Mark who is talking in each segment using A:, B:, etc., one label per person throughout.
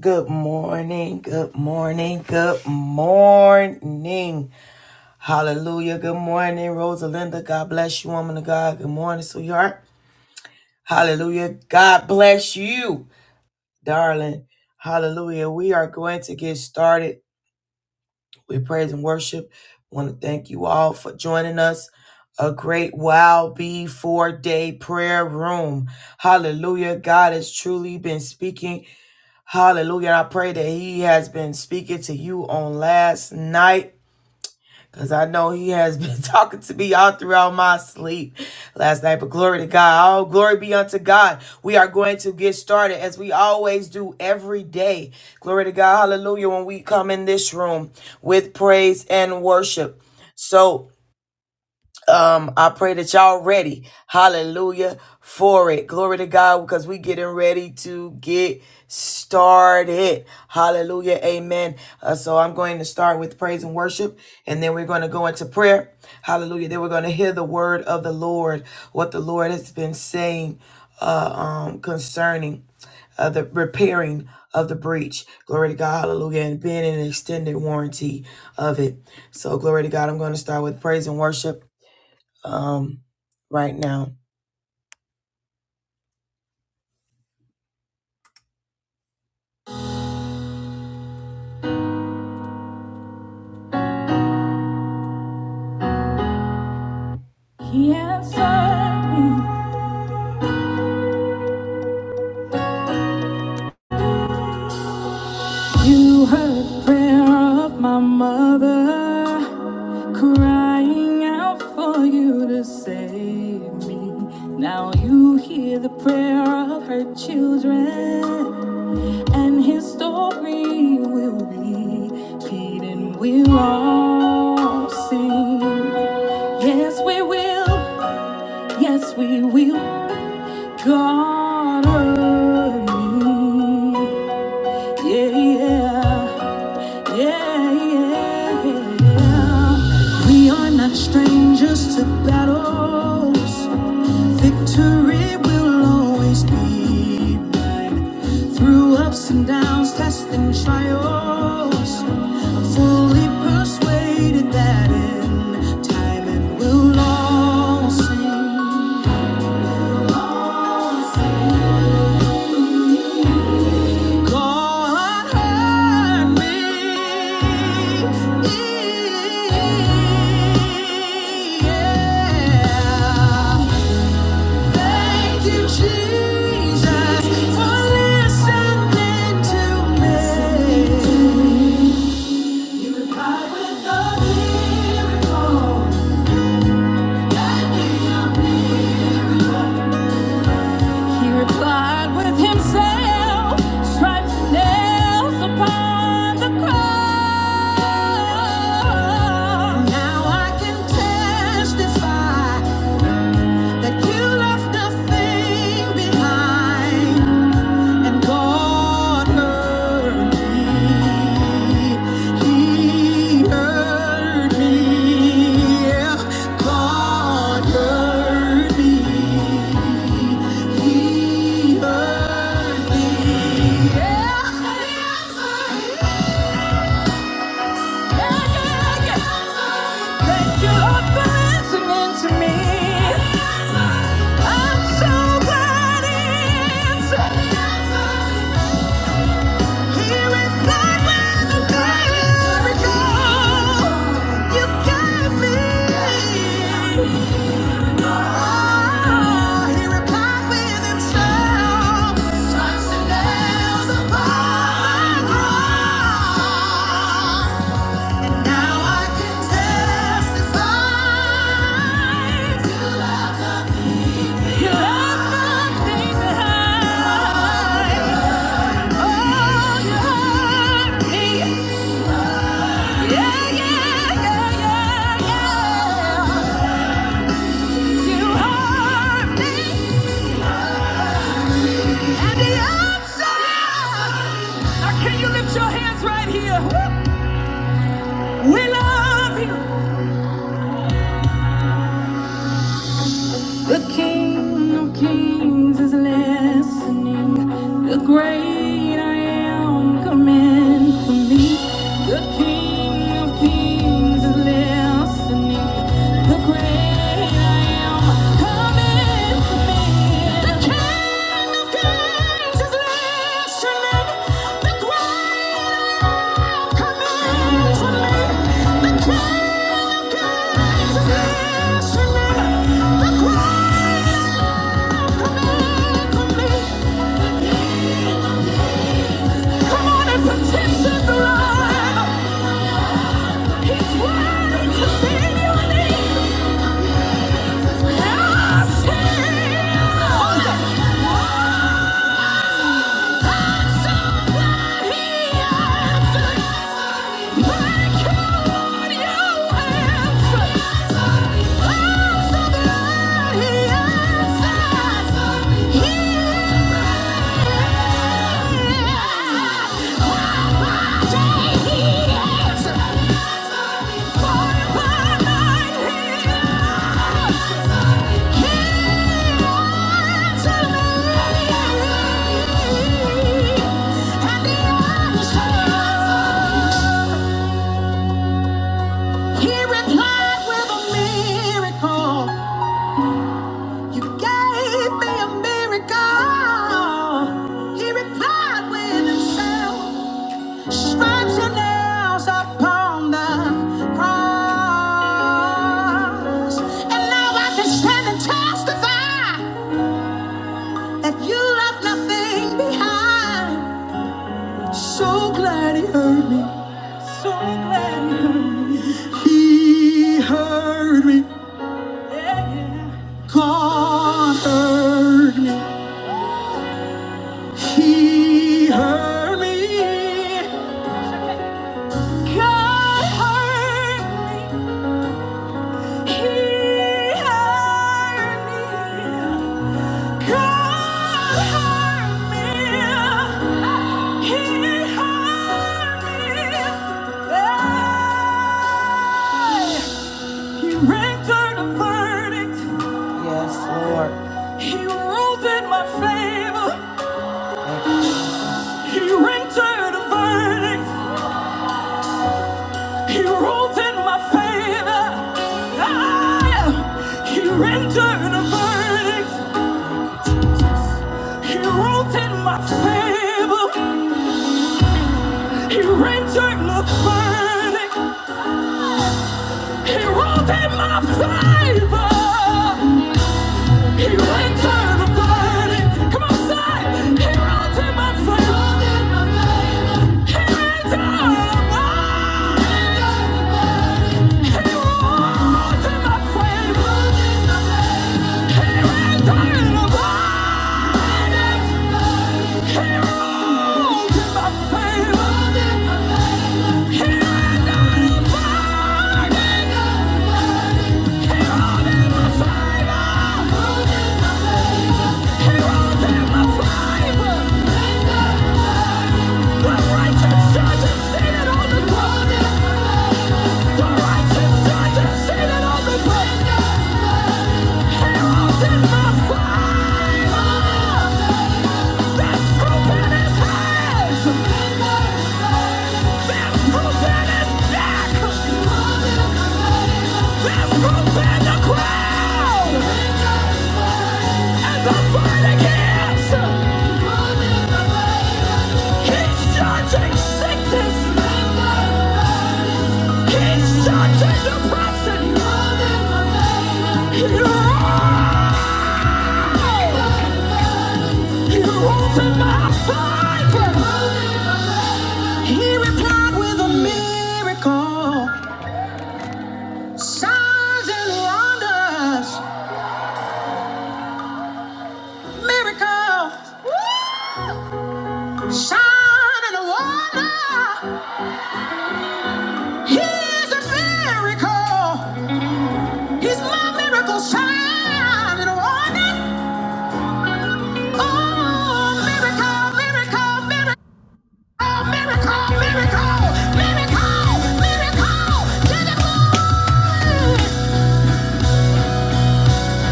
A: Good morning, good morning, good morning. Hallelujah. Good morning, Rosalinda. God bless you, woman of God. Good morning, sweetheart. Hallelujah. God bless you, darling. Hallelujah. We are going to get started with praise and worship. want to thank you all for joining us. A great wow before day prayer room. Hallelujah. God has truly been speaking Hallelujah. And I pray that he has been speaking to you on last night because I know he has been talking to me all throughout my sleep last night. But glory to God. All glory be unto God. We are going to get started as we always do every day. Glory to God. Hallelujah. When we come in this room with praise and worship. So, um, I pray that y'all ready. Hallelujah for it. Glory to God because we getting ready to get started. Hallelujah. Amen. Uh, so I'm going to start with praise and worship and then we're going to go into prayer. Hallelujah. Then we're going to hear the word of the Lord, what the Lord has been saying uh, um, concerning uh, the repairing of the breach. Glory to God, hallelujah, and being an extended warranty of it. So, glory to God, I'm going to start with praise and worship um, right now. He answered me. You heard prayer of my mother, crying out for you to save me. Now you hear the prayer of her children, and his story will be repeated. We'll all sing. Yes, we will. Yes, we will. gonna move. Yeah, yeah, yeah, yeah. We are not strangers to battles. Victory will always be mine. Through ups and downs, tests and trials, I'm fully persuaded that in time it will all sing. All sing. God heard me. Yeah. Thank you, Jesus, for listening to me. He replied with himself, stripes and nails upon the cross. Now I can testify that you left nothing behind and cornered me. He heard me, yeah, cornered me. He heard me, yeah. Yeah, yeah, yeah. Thank you, Lord, for listening to me. I'm so glad it's here is God with a miracle. You got me. Oh, he replied with himself. Touch the nails now I can testify to your everything behind. Oh, you heard me. Yeah, yeah, yeah, yeah, yeah. You heard me. And the answer is- Now, can you lift your hands right here? We love you. The King of Kings is listening. The great I am, come in for me. The King of Kings is listening. The great I am, come in. Come on and petition the Lord. He's worthy to be unique. Yeah. He replied with a miracle. You gave me a miracle. He replied with himself. Stripes and nails upon the cross. And now I can stand and testify that you left nothing behind. So glad he heard me. So glad he heard me. He heard me. God heard me. He heard me. God heard me. He hired me. Yes, He ruled in my favor. He rendered a verdict. He ruled in my favor. Ah, yeah. he rendered a verdict. He wrote in my favor. He rendered my burning. He wrote in my favor. He ran to the party. Come on, say. He ran in my favor. He ran to the party. He ran in my favor. He ran to the party. He ran to my friend. All in my favor. Heroes in my fire! He's such a depression. You're all you opened my eyes. He replied with a miracle. Signs and wonders. Miracles. Sign and wonder. He's a miracle. He's my miracle. Sign and wonder. Oh, miracle, miracle, miracle. Miracle, miracle, miracle, miracle to the moon.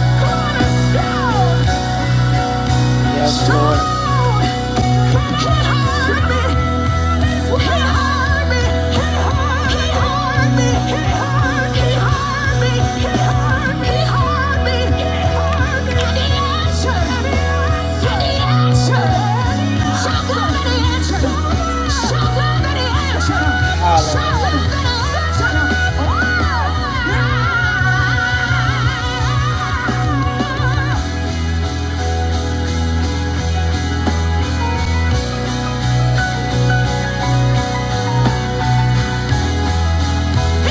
A: Cornerstone. He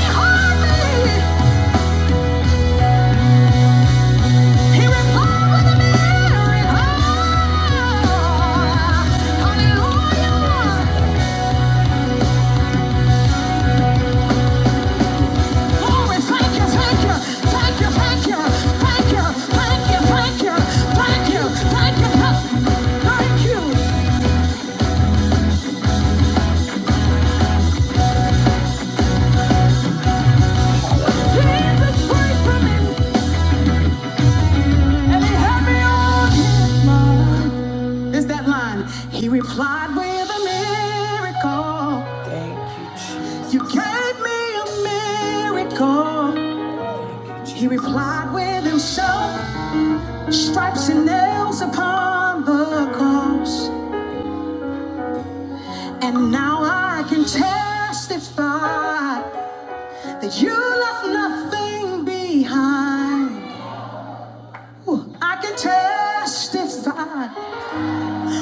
A: hurt me. He replied with a miracle. Thank you, Jesus. You gave me a miracle. He replied with himself, stripes and nails upon the cross. And now I can testify that you left nothing behind. Ooh, I can testify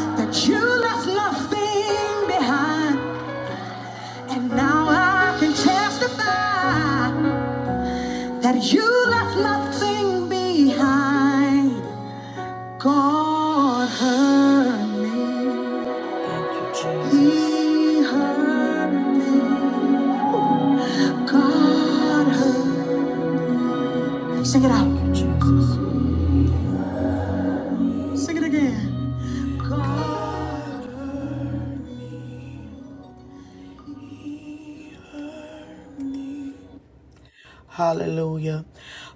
A: that you left nothing behind. And now I can testify that you left nothing behind. God heard me. Thank you, Jesus. He heard me. God heard. Sing it out. Sing it again. God. Hallelujah.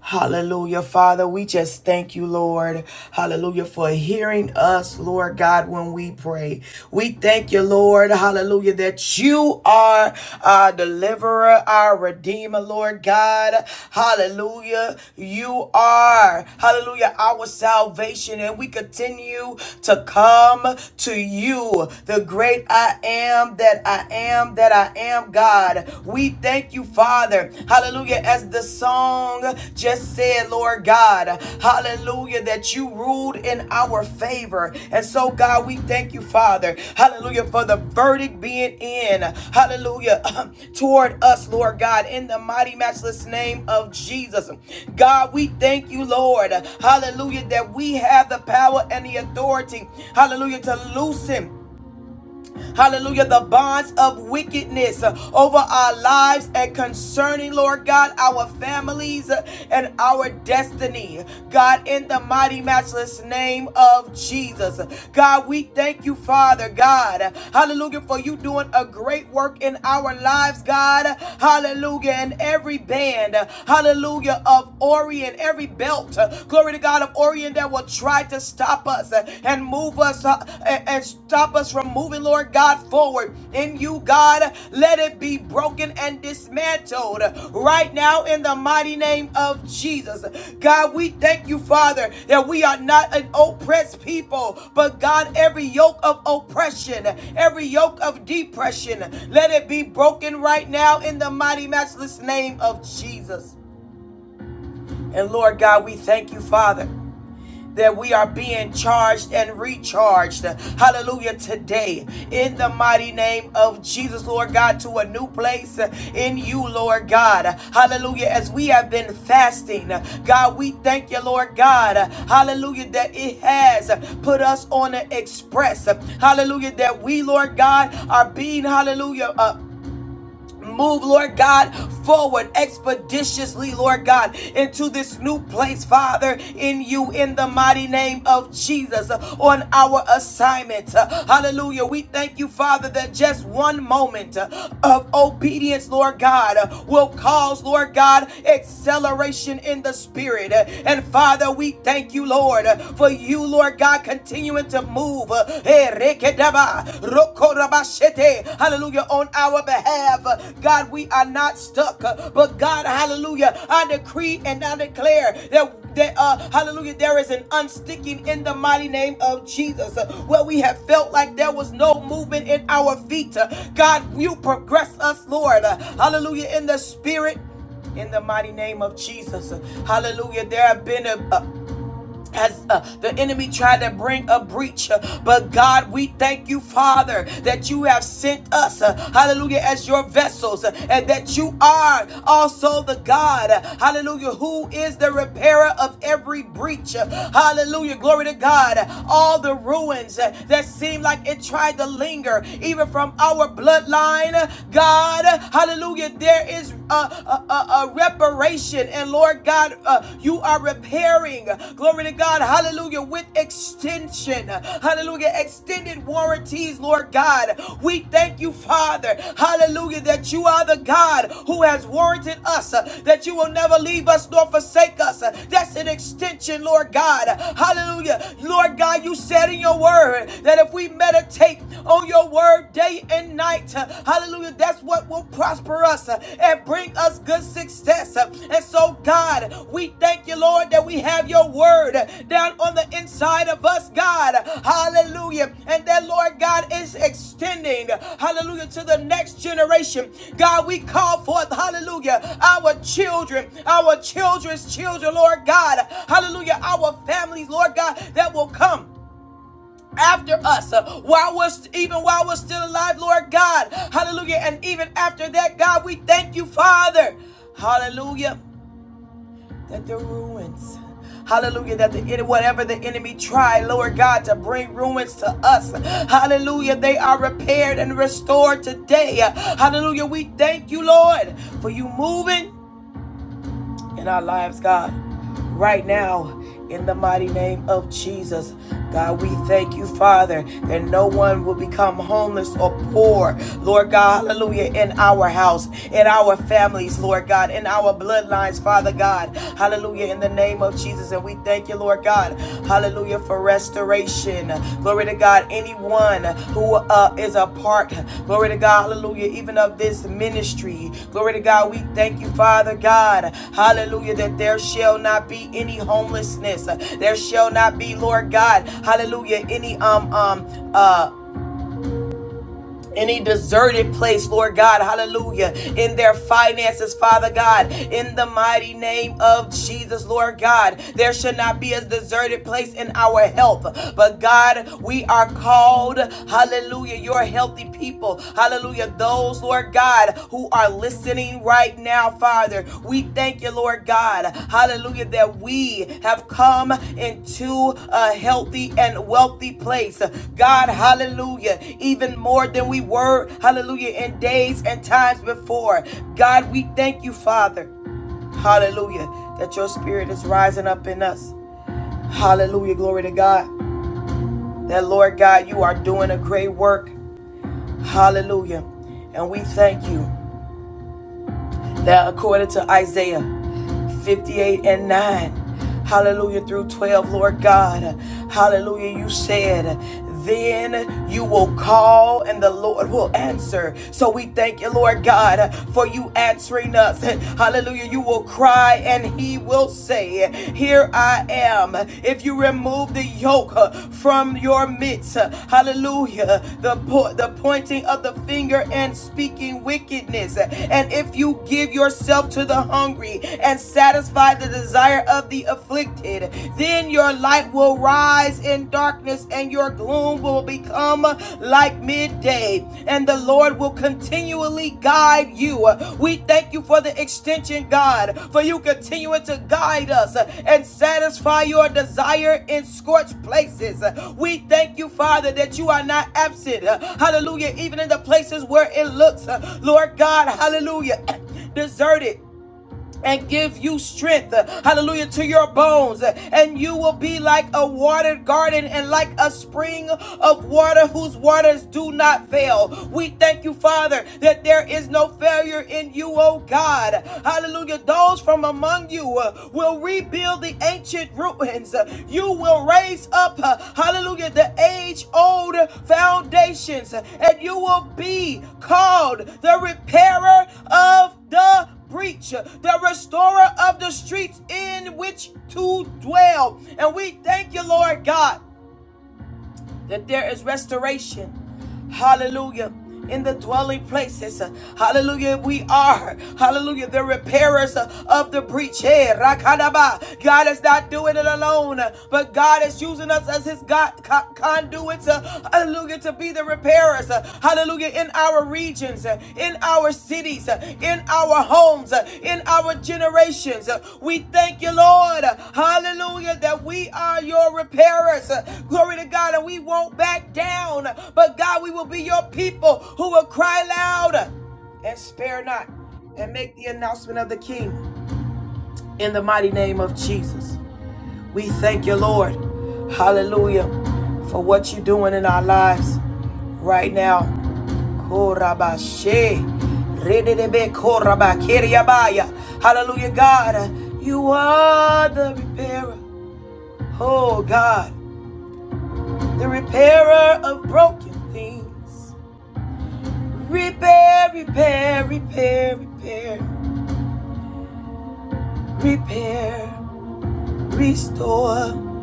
A: Hallelujah. Father, we just thank you, Lord. Hallelujah, for hearing us, Lord God, when we pray. We thank you, Lord. Hallelujah, that you are our deliverer, our redeemer, Lord God. Hallelujah. You are, hallelujah, our salvation. And we continue to come to you, the great I am that I am that I am am God. We thank you, Father. Hallelujah. As the song just said, Lord God, hallelujah, that you ruled in our favor. And so, God, we thank you, Father. Hallelujah, for the verdict being in. Hallelujah, toward us, Lord God, in the mighty, matchless name of Jesus. God, we thank you, Lord. Hallelujah, that we have the power and the authority. Hallelujah, to loosen hallelujah, the bonds of wickedness uh, over our lives and concerning, Lord God, our families uh, and our destiny. God, in the mighty, matchless name of Jesus. God, we thank you, Father God, hallelujah, for you doing a great work in our lives, God, hallelujah, and every band, hallelujah, of Orient, every belt, uh, glory to God, of Orient that will try to stop us uh, and move us uh, and stop us from moving, Lord God, forward in you, God. Let it be broken and dismantled right now in the mighty name of Jesus. God, we thank you, Father, that we are not an oppressed people, but God, every yoke of oppression, every yoke of depression, let it be broken right now in the mighty, matchless name of Jesus. And Lord God, we thank you, Father that we are being charged and recharged. Hallelujah. Today, in the mighty name of Jesus, Lord God, to a new place in you, Lord God. Hallelujah. As we have been fasting, God, we thank you, Lord God. Hallelujah. That it has put us on an express. Hallelujah. That we, Lord God, are being, hallelujah, uh, Move, Lord God, forward expeditiously, Lord God, into this new place, Father, in you, in the mighty name of Jesus, uh, on our assignment. Uh, Hallelujah. We thank you, Father, that just one moment uh, of obedience, Lord God, uh, will cause, Lord God, acceleration in the spirit. Uh, And Father, we thank you, Lord, uh, for you, Lord God, continuing to move. Uh, eh, hallelujah, on our behalf. God, we are not stuck, but God, hallelujah, I decree and I declare that. That, uh, hallelujah, there is an unsticking in the mighty name of Jesus. Uh, Where we have felt like there was no movement in our feet. Uh, God, you progress us, Lord. Uh, hallelujah, in the spirit in the mighty name of Jesus. Hallelujah. There have been a, a as uh, the enemy tried to bring a breach. Uh, But God, we thank you, Father, that you have sent us, uh, hallelujah, as your vessels, uh, and that you are also the God, uh, hallelujah, who is the repairer of every breach. Uh, Hallelujah, glory to God. All the ruins uh, that seem like it tried to linger, even from our bloodline, uh, God, uh, hallelujah, there is a, a, a, a uh, reparation. And Lord God, uh, you are repairing. Glory to God. Hallelujah. With extension. Hallelujah. Extended warranties, Lord God. We thank you, Father. Hallelujah. That you are the God who has warranted us, uh, that you will never leave us nor forsake us. Uh, That's an extension, Lord God. Hallelujah. Lord God, you said in your word that if we meditate on your word day and night, night. Uh, Hallelujah. That's what will prosper us uh, and bring us good success. Uh, And so, God, we thank you, Lord, that we have your word uh, down on the inside of us, God. Hallelujah. And that, Lord God, is extending, hallelujah, to the next generation. God, we call forth, hallelujah, our children, our children's children, Lord God. Hallelujah. Our families, Lord God, that will come after us uh, while we're st- even while we're still alive lord god hallelujah and even after that god we thank you father hallelujah that the ruins Hallelujah, that the whatever the enemy tried, Lord God, to bring ruins to us. Hallelujah, they are repaired and restored today. Hallelujah, we thank you, Lord, for you moving in our lives, God. Right now, in the mighty name of Jesus, God, we thank you, Father, that no one will become homeless or poor, Lord God, hallelujah, in our house, in our families, Lord God, in our bloodlines, Father God, hallelujah, in the name of Jesus. And we thank you, Lord God, Hallelujah for restoration. Glory to God. Anyone who uh, is a part, glory to God, hallelujah, even of this ministry. Glory to God. We thank you, Father God. Hallelujah, that there shall not be any homelessness. There shall not be, Lord God, hallelujah, any um um uh any deserted place, Lord God, hallelujah, in their finances, Father God, in the mighty name of Jesus, Lord God, there should not be a deserted place in our health, but God, we are called, hallelujah, your healthy people, hallelujah, those, Lord God, who are listening right now, Father. We thank you, Lord God. Hallelujah, that we have come into a healthy and wealthy place. God, hallelujah, even more than we were, hallelujah, in days and times before. God, we thank you, Father. Hallelujah, that your spirit is rising up in us. Hallelujah, glory to God. That, Lord God, you are doing a great work. Hallelujah. And we thank you that according to Isaiah 58 and 9. Hallelujah, through 12, Lord God. Hallelujah, you said, then you will call and the Lord will answer. So we thank you, Lord God, for you answering us. Hallelujah, you will cry and he will say, Here I am. If you remove the yoke uh, from your midst, uh, hallelujah, the, po- the pointing of the finger and speaking wickedness, and if you give yourself to the hungry, victory and satisfy the desire of the afflicted. Then your light will rise in darkness and your gloom will become like midday. And the Lord will continually guide you. We thank you for the extension, God, for you continuing to guide us and satisfy your desire in scorched places. We thank you, Father, that you are not absent. Hallelujah. Even in the places where it looks, Lord God, hallelujah, deserted and give you strength, uh, hallelujah, to your bones. uh, And you will be like a watered garden and like a spring of water whose waters do not fail. We thank you, Father, that there is no failure in you, oh God. Hallelujah. Those from among you uh, will rebuild the ancient ruins. Uh, You will raise up, uh, hallelujah, the age old foundations, uh, and you will be called the repairer of the preach, the restorer of the streets in which to dwell. And we thank you, Lord God, that there is restoration. Hallelujah. In the dwelling places. Hallelujah. We are. Hallelujah. The repairers of the breach. Hey, Rakadaba. God is not doing it alone, but God is using us as his God, conduits. uh, Hallelujah. To be the repairers. uh, Hallelujah. In our regions, uh, in our cities, uh, in our homes, uh, in our generations. Uh, We thank you, Lord. uh, Hallelujah, that we are your repairers. Uh, Glory to God, and we won't back down. Uh, But God, we will be your people who will cry loud uh, and spare not and make the announcement of the King in the mighty name of Jesus. We thank you, Lord. Hallelujah for what you're doing in our lives right now. Korabashe. Rededebe koraba keriabaya. Hallelujah, God. You are the repairer. Oh, God. The repairer of broken things. Repair, repair, repair, repair, repair, restore.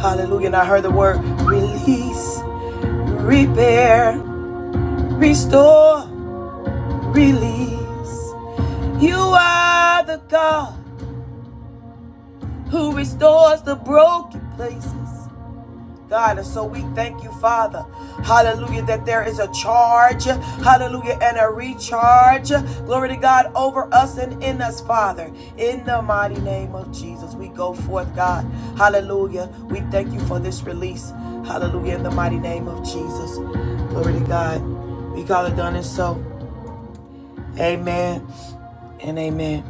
A: Hallelujah. And I heard the word release, repair, restore, release. You are the God who restores the broken places. God, and so we thank you, Father. Hallelujah, that there is a charge, hallelujah, and a recharge. Glory to God over us and in us, Father. In the mighty name of Jesus, we go forth, God. Hallelujah. We thank you for this release. Hallelujah, in the mighty name of Jesus. Glory to God. We call it done and so. Amen and amen.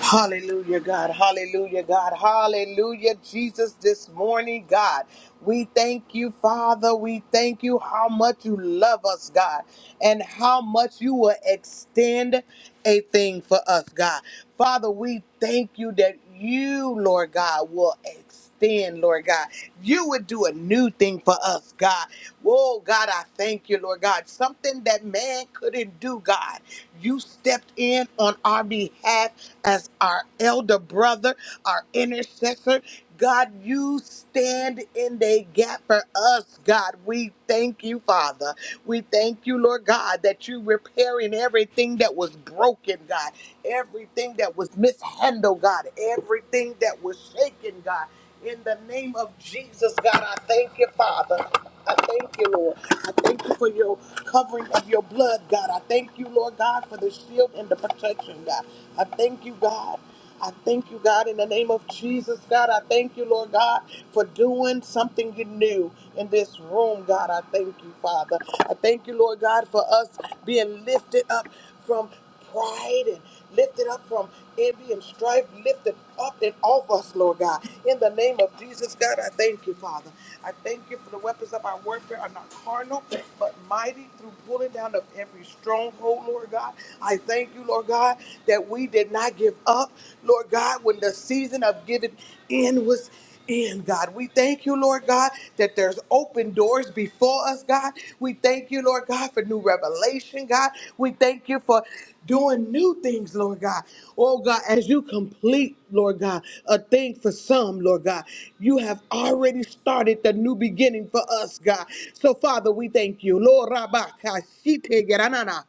B: Hallelujah, God. Hallelujah, God. Hallelujah, Jesus, this morning, God. We thank you, Father. We thank you how much you love us, God, and how much you will extend a thing for us, God. Father, we thank you that you, Lord God, will extend, Lord God. You would do a new thing for us, God. Whoa, God, I thank you, Lord God. Something that man couldn't do, God. You stepped in on our behalf as our elder brother, our intercessor. God, you stand in the gap for us, God. We thank you, Father. We thank you, Lord God, that you repairing everything that was broken, God, everything that was mishandled, God, everything that was shaken, God. In the name of Jesus, God, I thank you, Father. I thank you, Lord. I thank you for your covering of your blood, God. I thank you, Lord God, for the shield and the protection, God. I thank you, God. I thank you, God, in the name of Jesus, God. I thank you, Lord God, for doing something new in this room, God. I thank you, Father. I thank you, Lord God, for us being lifted up from pride and lift it up from envy and strife. Lift it up and off us, Lord God. In the name of Jesus, God, I thank you, Father. I thank you for the weapons of our warfare are not carnal, but mighty through pulling down of every stronghold, Lord God. I thank you, Lord God, that we did not give up, Lord God, when the season of giving in was in, God. We thank you, Lord God, that there's open doors before us, God. We thank you, Lord God, for new revelation, God. We thank you for doing new things, Lord God. Oh, God, as you complete, Lord God, a thing for some, Lord God, you have already started the new beginning for us, God. So, Father, we thank you. Lord, Rabba, Kashite, Geranana.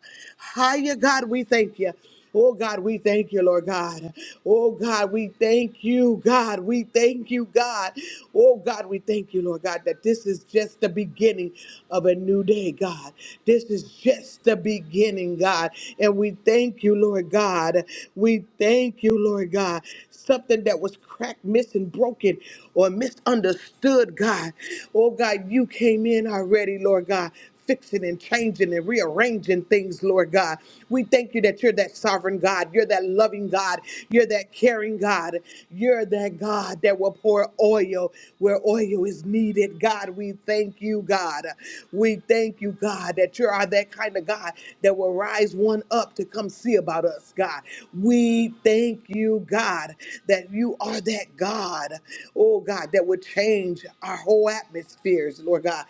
B: Hiya, God, we thank you. Oh God, we thank you, Lord God. Oh God, we thank you, God. We thank you, God. Oh God, we thank you, Lord God, that this is just the beginning of a new day, God. This is just the beginning, God. And we thank you, Lord God. We thank you, Lord God. Something that was cracked, missing, broken, or misunderstood, God. Oh God, you came in already, Lord God fixing and changing and rearranging things, Lord God. We thank you that you're that sovereign God. You're that loving God. You're that caring God. You're that God that will pour oil where oil is needed. God, we thank you, God. We thank you, God, that you are that kind of God that will rise one up to come see about us, God. We thank you, God. God, that you are that God, oh God, that would change our whole atmospheres, Lord God.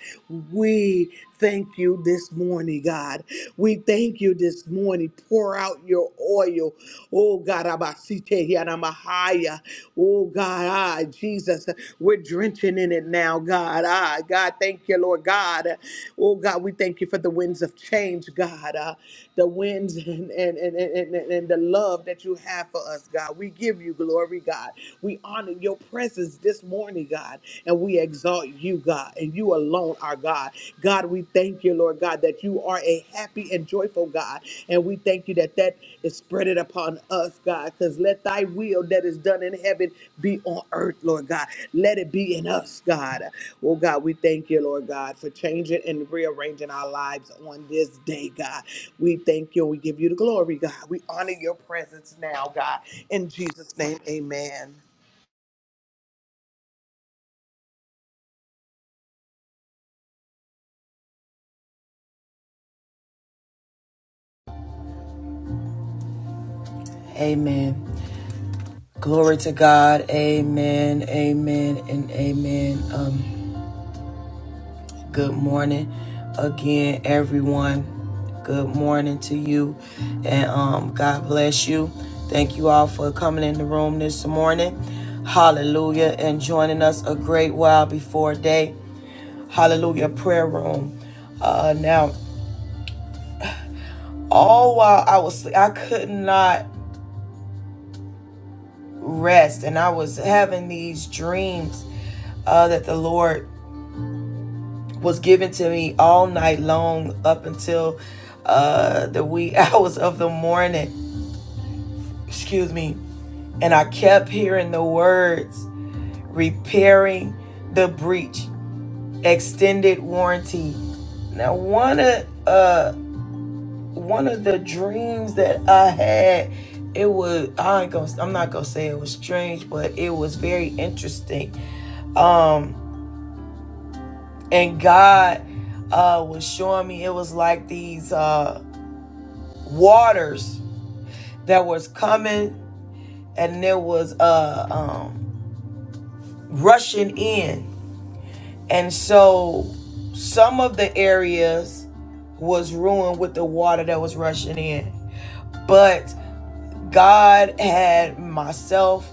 B: We thank you this morning, God. We thank you this morning. Pour out your oil, oh God, Abasite Yanamahaya, oh God, ah, Jesus, we're drenching in it now, God. Ah, God, thank you, Lord God. Oh God, we thank you for the winds of change, God. Ah, the winds and and, and, and, and and the love that you have for us, God. We give you glory, God. We honor your presence this morning, God, and we exalt you, God, and you alone are God. God, we thank you, Lord God, that you are a happy and joyful God. And we thank you that that is spread it upon us, God, because let thy will that is done in heaven be on earth, Lord God. Let it be in us, God. Oh, God, we thank you, Lord God, for changing and rearranging our lives on this day, God. We thank you and we give you the glory, God. We honor your presence now, God. In Jesus' name, amen.
A: Amen. Glory to God. Amen. Amen. And amen. Um, good morning again, everyone. Good morning to you. And um, God bless you. Thank you all for coming in the room this morning. Hallelujah. And joining us a great while before day. Hallelujah. Prayer room. Uh, now, all while I was sleep, I could not rest. And I was having these dreams uh, that the Lord was given to me all night long up until uh, the wee hours of the morning. Excuse me. And I kept hearing the words repairing the breach, extended warranty. Now, one of uh, one of the dreams that I had, it was I ain't gonna, I'm not gonna say it was strange, but it was very interesting. Um, and God uh, was showing me it was like these. Uh, waters that was coming and there was uh um rushing in and so some of the areas was ruined with the water that was rushing in but god had myself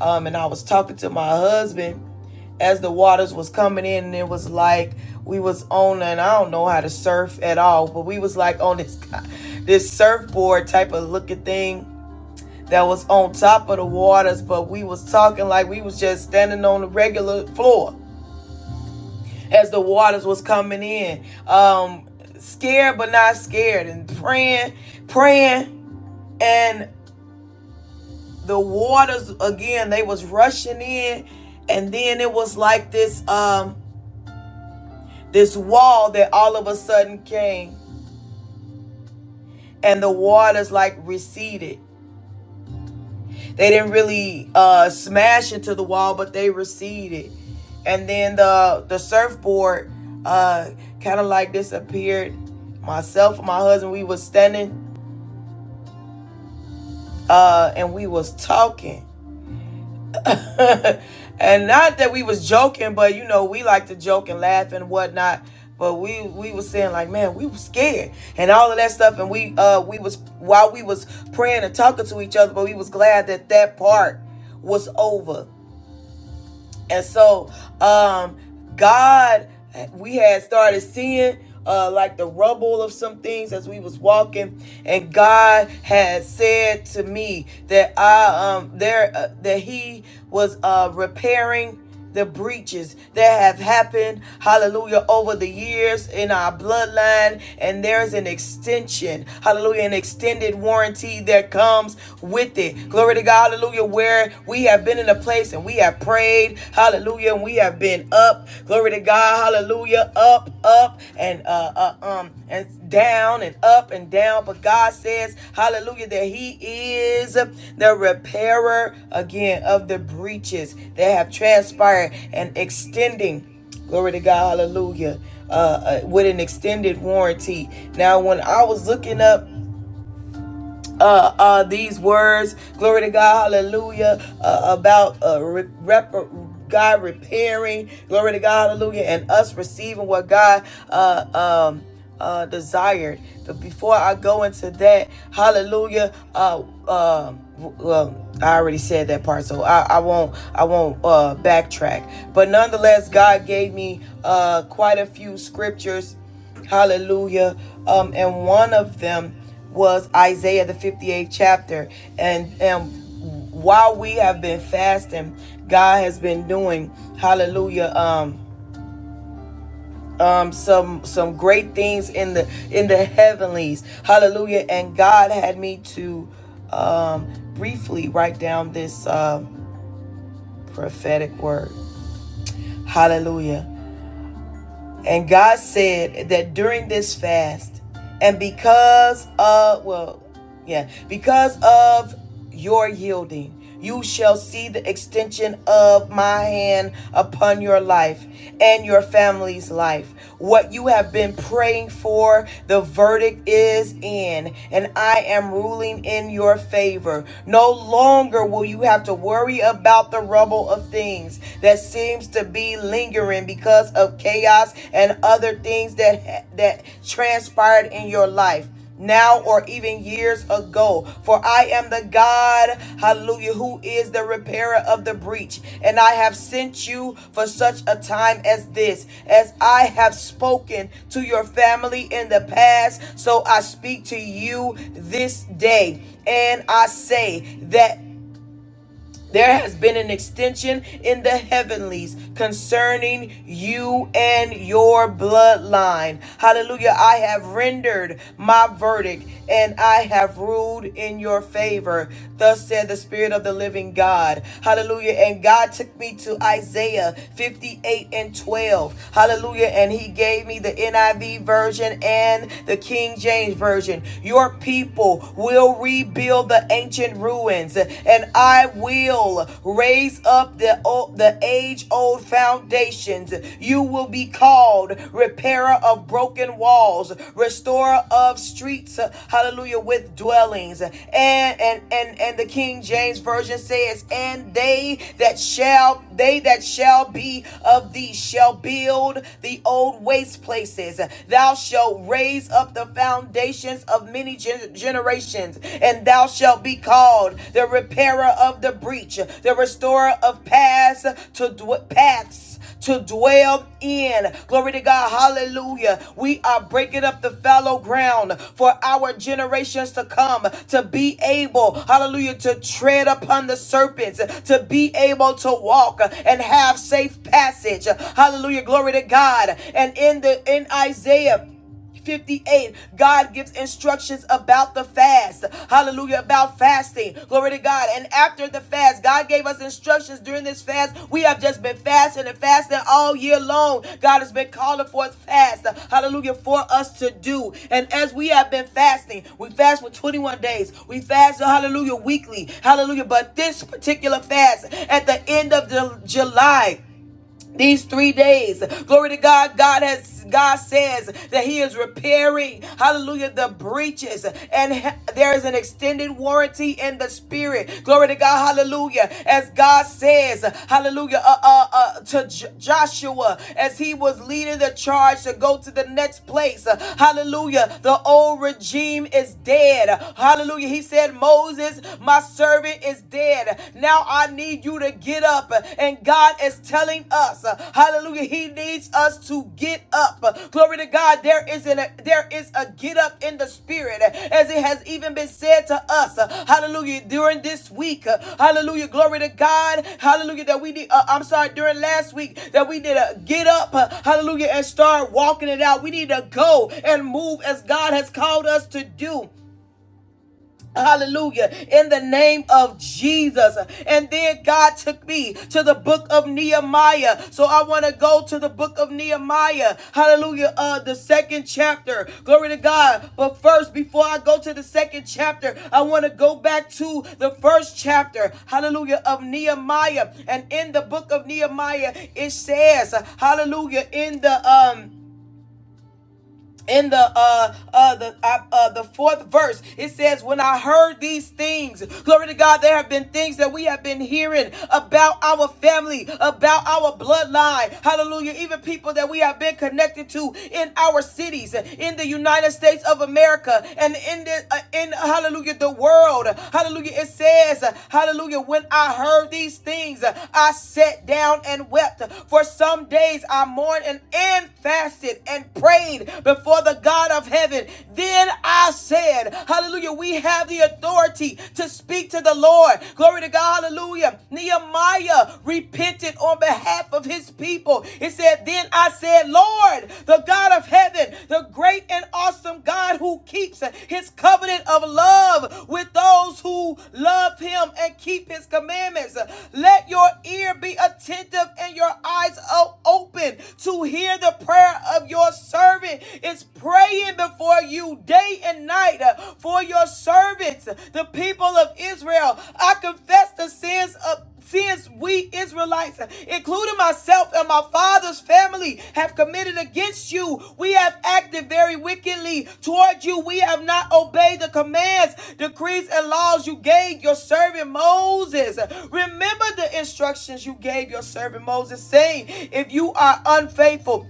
A: um and i was talking to my husband as the waters was coming in and it was like we was on and I don't know how to surf at all, but we was like on this this surfboard type of looking thing that was on top of the waters, but we was talking like we was just standing on the regular floor as the waters was coming in. Um, scared but not scared and praying, praying, and the waters again, they was rushing in, and then it was like this um this wall that all of a sudden came and the waters like receded They didn't really uh, smash into the wall, but they receded. And then the the surfboard uh, kind of like disappeared. Myself and my husband, we was standing uh, and we was talking. and not that we was joking, but you know, we like to joke and laugh and whatnot. But we we was saying like, man, we was scared and all of that stuff. And we uh we was while we was praying and talking to each other, but we was glad that that part was over And so, um, God, we had started seeing uh, like the rubble of some things as we was walking, and God had said to me that I um there uh, that He was uh repairing the breaches that have happened, hallelujah, over the years in our bloodline. And there's an extension, hallelujah, an extended warranty that comes with it. Glory to God, hallelujah, where we have been in a place and we have prayed, hallelujah, and we have been up. Glory to God, hallelujah, up, up up and uh, uh um and down and up and down. But God says, Hallelujah, that He is the repairer again of the breaches that have transpired and extending. Glory to God, hallelujah. Uh, uh, with an extended warranty. Now, when I was looking up uh, uh, these words, glory to God, hallelujah, uh, about uh, rep- God repairing, glory to God, hallelujah, and us receiving what God uh, um, uh, desired. But before I go into that, hallelujah, uh, um, well, I already said that part, so I, I won't I won't uh, backtrack. But nonetheless, God gave me uh, quite a few scriptures Hallelujah. Um, and one of them was Isaiah the 58th chapter. And and while we have been fasting, God has been doing hallelujah. Um um some some great things in the in the heavenlies. Hallelujah. And God had me to um briefly write down this um prophetic word. Hallelujah. And God said that during this fast, and because of, well, yeah, because of your yielding, you shall see the extension of my hand upon your life and your family's life. What you have been praying for, the verdict is in, and I am ruling in your favor. No longer will you have to worry about the rubble of things that seems to be lingering because of chaos and other things that that transpired in your life now or even years ago. For I am the God, hallelujah, who is the repairer of the breach. And I have sent you for such a time as this. As I have spoken to your family in the past, so I speak to you this day. And I say that. There has been an extension in the heavenlies concerning you and your bloodline. Hallelujah. I have rendered my verdict and I have ruled in your favor. Thus said the Spirit of the living God. Hallelujah. And God took me to Isaiah 58 and 12. Hallelujah. And he gave me the NIV version and the King James version. Your people will rebuild rebuild the ancient ruins, and I will raise up the, o- the age old foundations. You will be called repairer of broken walls, restorer of streets, hallelujah, with dwellings. And and and, and the King James Version says, and they that shall they that shall be of thee shall build the old waste places. Thou shalt raise up the foundations foundations of many gen- generations, and thou shalt be called the repairer of the breach, the restorer of paths to dw- paths to dwell in. Glory to God. Hallelujah. We are breaking up the fallow ground for our generations to come to be able, hallelujah, to tread upon the serpents, to be able to walk and have safe passage. Hallelujah. Glory to God. And in the in Isaiah 58 god gives instructions about the fast hallelujah about fasting glory to god and after the fast god gave us instructions during this fast we have just been fasting and fasting all year long god has been calling forth fast hallelujah for us to do and as we have been fasting we fast for 21 days we fast hallelujah weekly hallelujah but this particular fast at the end of the july these three days. Glory to God. God has God says that He is repairing, hallelujah, the breaches, and he- there is an extended warranty in the spirit. Glory to God, hallelujah. As God says, hallelujah, uh, uh, uh, to J- Joshua as he was leading the charge to go to the next place, uh, hallelujah. The old regime is dead, hallelujah. He said, Moses, my servant, is dead bed. Now I need you to get up. And God is telling us, hallelujah, he needs us to get up. Glory to God, there is a there is a get up in the spirit as it has even been said to us. Hallelujah, during this week. Hallelujah, glory to God. Hallelujah that we need uh, I'm sorry, during last week that we did a get up. Hallelujah and start walking it out. We need to go and move as God has called us to do. Hallelujah. In the name of Jesus. And then God took me to the book of Nehemiah. So I want to go to the book of Nehemiah. Hallelujah. Uh, the second chapter. Glory to God. But first, before I go to the second chapter, I want to go back to the first chapter. Hallelujah. Of Nehemiah. And in the book of Nehemiah, it says, Hallelujah. In the um in the uh uh the uh, uh the fourth verse it says when i heard these things glory to god there have been things that we have been hearing about our family about our bloodline hallelujah even people that we have been connected to in our cities in the united states of america and in the uh, in hallelujah the world hallelujah it says hallelujah when i heard these things i sat down and wept for some days i mourned and, and fasted and prayed prayed before the God of heaven. Then I said, Hallelujah, we have the authority to speak to the Lord. Glory to God, hallelujah. Nehemiah repented on behalf of his people. It said, Then I said, Lord, the God of heaven, the great and awesome God who keeps his covenant of love with those who love him and keep his commandments. Let your ear be attentive and your eyes open to hear the prayer of." of your servant is praying before you day and night uh, for your servants, the people of Israel. I confess the sins of sins we Israelites, including myself and my father's family, have committed against you. We have acted very wickedly toward you. We have not obeyed the commands, decrees, and laws you gave your servant Moses. Remember the instructions you gave your servant Moses, saying, If you are unfaithful,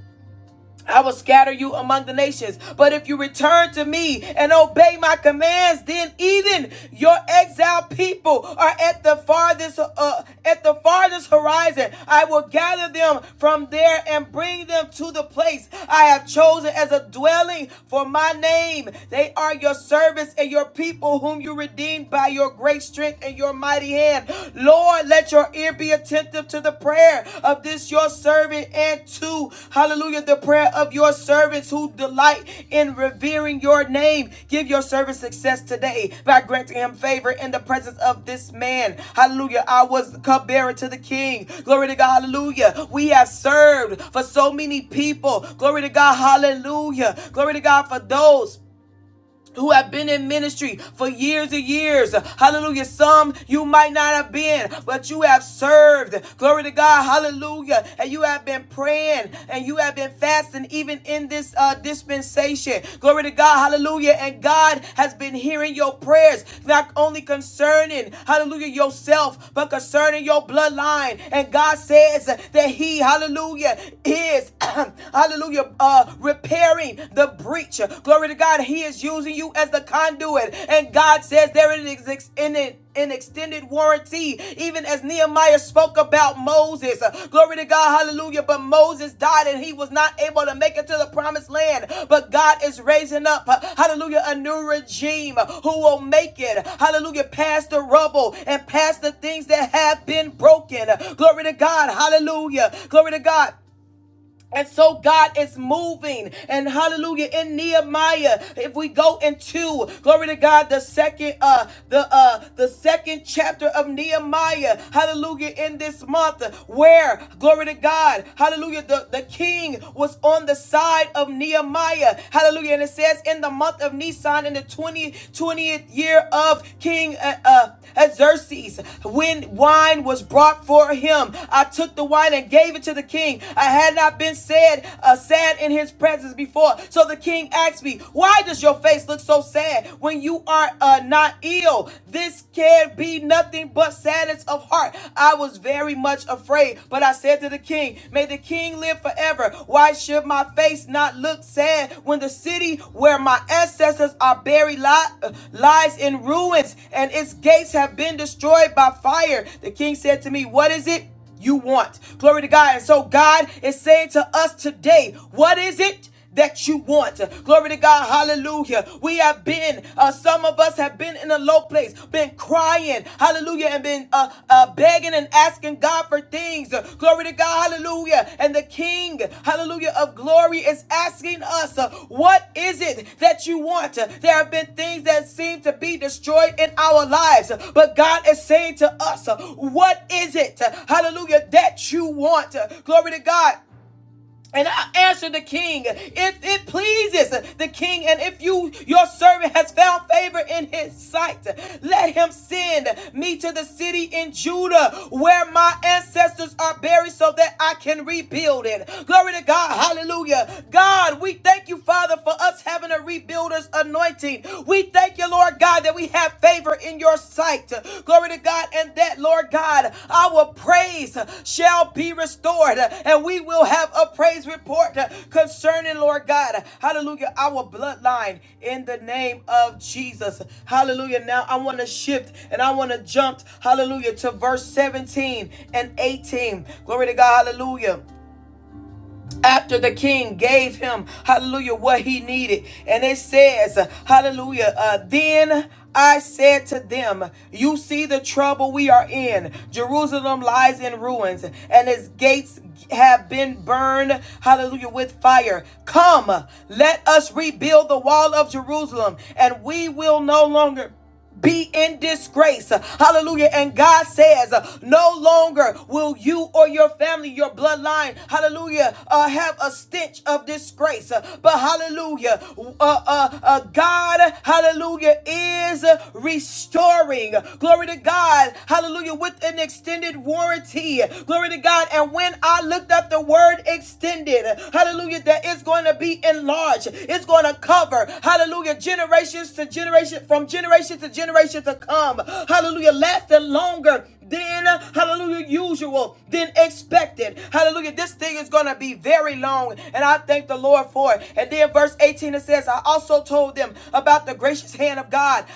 A: I will scatter you among the nations. But if you return to me and obey my commands, then even your exiled people are at the farthest uh, at the farthest horizon. I will gather them from there and bring them to the place I have chosen as a dwelling for my name. They are your servants and your people whom you redeemed by your great strength and your mighty hand. Lord, Lord, let your ear be attentive to the prayer of this your servant and to, hallelujah, the prayer of your servants who delight in revering your name. Give your servant success today by granting him favor in the presence of this man. Hallelujah. I was cupbearer to the king. Glory to God. Hallelujah. We have served for so many people. Glory to God. Hallelujah. Glory to God for those who have been in ministry for years and years. Hallelujah. Some you might not have been, but you have served. Glory to God. Hallelujah. And you have been praying and you have been fasting even in this uh, dispensation. Glory to God. Hallelujah. And God has been hearing your prayers, not only concerning, hallelujah, yourself, but concerning your bloodline. And God says that He, hallelujah, is, hallelujah, uh, repairing repairing the breach. Glory to God. He is using you as the conduit. And God says there is in it an extended warranty, even as Nehemiah spoke about Moses. Uh, Glory to God, hallelujah. But Moses died and he was not able to make it to the promised land. But God is raising up, uh, hallelujah, a new regime uh, who will make it, hallelujah, past the rubble and past the things that have been broken. Glory to God, hallelujah. Glory to God. And so God is moving. And hallelujah. In Nehemiah, if we go into glory to God, the second uh the uh the second chapter of Nehemiah, hallelujah, in this month, where glory to God, hallelujah, the, the king was on the side of Nehemiah. Hallelujah. And it says in the month of Nisan in the 20, 20th year of King uh, uh Xerxes, when wine was brought for him, I took the wine and gave it to the king. I had not been said uh, sad in his presence before. So the king asked me, Why does your face look so sad when you are uh, not ill? This can be nothing but sadness of heart. I was very much afraid, but I said to the king, May the king live forever. Why should my face not look sad when the city where my ancestors are buried li- lies in ruins and its gates have been destroyed by fire? The king said to me, What is it? you want. Glory to God. And so God is saying to us today, what is it? That you want. Glory to God. Hallelujah. We have been, uh, some of us have been in a low place, been crying. Hallelujah. And been uh, uh, begging and asking God for things. Glory to God. God, hallelujah. And the King, hallelujah, of glory is asking us, uh, what is it that you want? Uh, There have been things that seem to be destroyed in our lives, uh, but God is saying to us, uh, what is it, uh, hallelujah, that you want? Uh, Glory to God. And I answer the king if it pleases the king, and if you your servant has found favor in his sight, let him send me to the city in Judah where my ancestors are buried so that I can rebuild it. Glory to God, hallelujah. God, we thank you, Father, for us having a rebuilder's anointing. We thank you, Lord God, that we have find favor in your sight. Glory to God. And that, Lord God, our praise shall be restored. And we will have a praise report concerning, Lord God. Hallelujah. Our bloodline in the name of Jesus. Hallelujah. Now I want to shift and I want to jump, hallelujah, to verse 17 and 18. Glory to God. Hallelujah after the king gave him, hallelujah, what he needed. And it says, hallelujah, uh, then I said to them, You see the trouble we are in. Jerusalem lies in ruins, and its gates have been burned, hallelujah, with fire. Come, let us rebuild the wall of Jerusalem, and we will no longer be in disgrace. Hallelujah. And God says, uh, no longer will you or your family, your bloodline, hallelujah, uh, have a stench of disgrace. Uh, But hallelujah, uh, uh, uh, God, hallelujah, is restoring. Glory to God, hallelujah, with an extended warranty. Glory to God. And when I looked up the word extended, hallelujah, that is going to be in and Large. It's going to cover, hallelujah, generations to generation, from generation to generation to come. Hallelujah, lasting longer than, hallelujah, usual, than expected. Hallelujah, this thing is going to be very long, and I thank the Lord for it. And then verse 18, it says, I also told them about the gracious hand of God,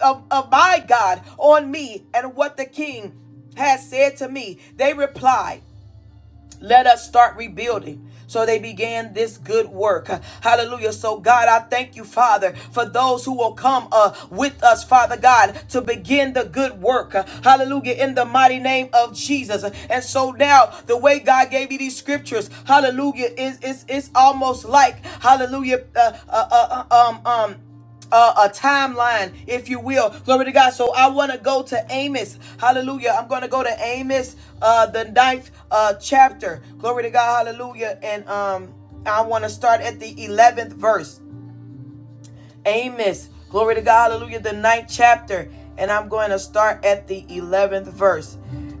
A: of, of my God on me, and what the king has said to me. They replied, let us start rebuilding. So they began this good work. Hallelujah. So, God, I thank you, Father, for those who will come uh, with us, Father God, to begin the good work. Hallelujah. In the mighty name of Jesus. And so now, the way God gave you these scriptures, hallelujah, is it's, it's almost like, hallelujah, uh, uh, uh, uh, um, um, uh, a timeline, if you will. Glory to God. So I want to go to Amos. Hallelujah. I'm going to go to Amos, uh, the ninth uh, chapter. Glory to God. Hallelujah. And um, I want to start at the 11th verse. Amos. Glory to God. Hallelujah. The ninth chapter. And I'm going to start at the 11th verse.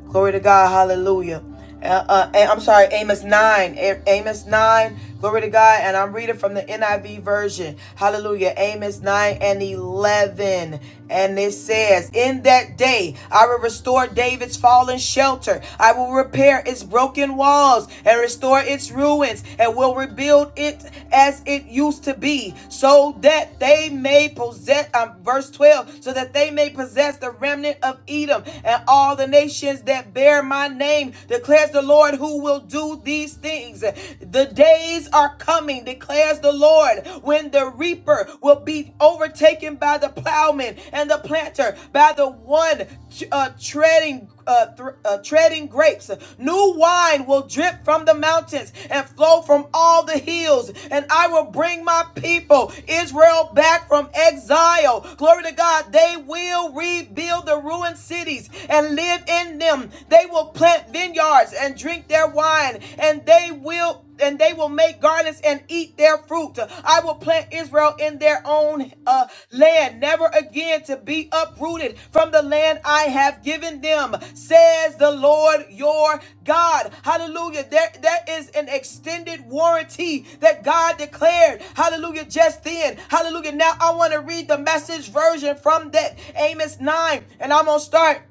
A: Glory to God. Hallelujah. Uh, uh, eh, I'm sorry, Amos 9. Eh, Amos 9. Glory to God. And I'm reading from the NIV version. Hallelujah. Amos 9 and 11. And it says, In that day I will restore David's fallen shelter. I will repair its broken walls and restore its ruins and will rebuild it as it used to be so that they may possess um, verse 12 so that they may possess the remnant of edom and all the nations that bear my name declares the lord who will do these things the days are coming declares the lord when the reaper will be overtaken by the plowman and and the planter by the one uh, treading uh, thr- uh, treading grapes. New wine will drip from the mountains and flow from all the hills. And I will bring my people, Israel, back from exile. Glory to God. They will rebuild the ruined cities and live in them. They will plant vineyards and drink their wine. And they will. And they will will make gardens and eat their fruit. I will plant Israel in their own uh, land, never again to be uprooted from the land I have given them, says the Lord your God. Hallelujah. There, that is an extended warranty that God declared. Hallelujah. Just then. Hallelujah. Now I want to read the message version from that Amos 9, and I'm going to start.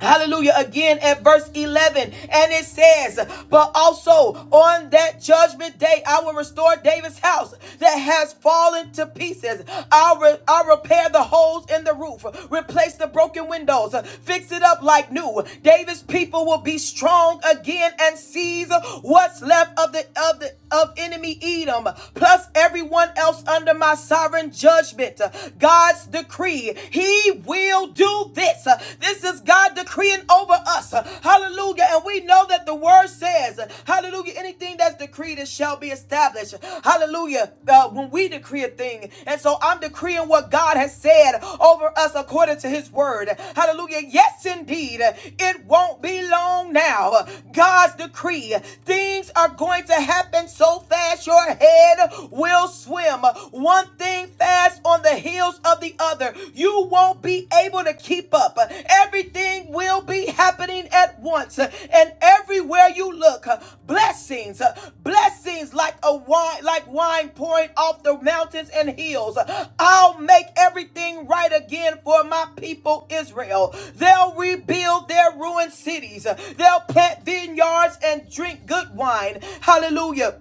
A: Hallelujah. Again at verse 11. And it says, But also on that judgment day, I will restore David's house that has fallen to pieces. I'll, re- I'll repair the holes in the roof, replace the broken windows, fix it up like new. David's people will be strong again and seize what's left of the, of the of enemy Edom, plus everyone else under my sovereign judgment. God's decree, He will do this. This is God decreeing over us. Hallelujah. And we know that the word says, Hallelujah, anything that's decreed, it shall be established. Hallelujah. Uh, when we decree a thing. And so I'm decreeing what God has said over us according to His word. Hallelujah. Yes, indeed. It won't be long now. God's decree, things are going to happen so fast your head will swim. One thing fast on the heels of the other. You won't be able to keep up. Everything will be happening at once. And everywhere you look, blessings, blessings like a wine, like wine pouring off the mountains and hills. I'll make everything right again for my people Israel. They'll rebuild their ruined cities. They'll plant vineyards and drink good wine. Hallelujah.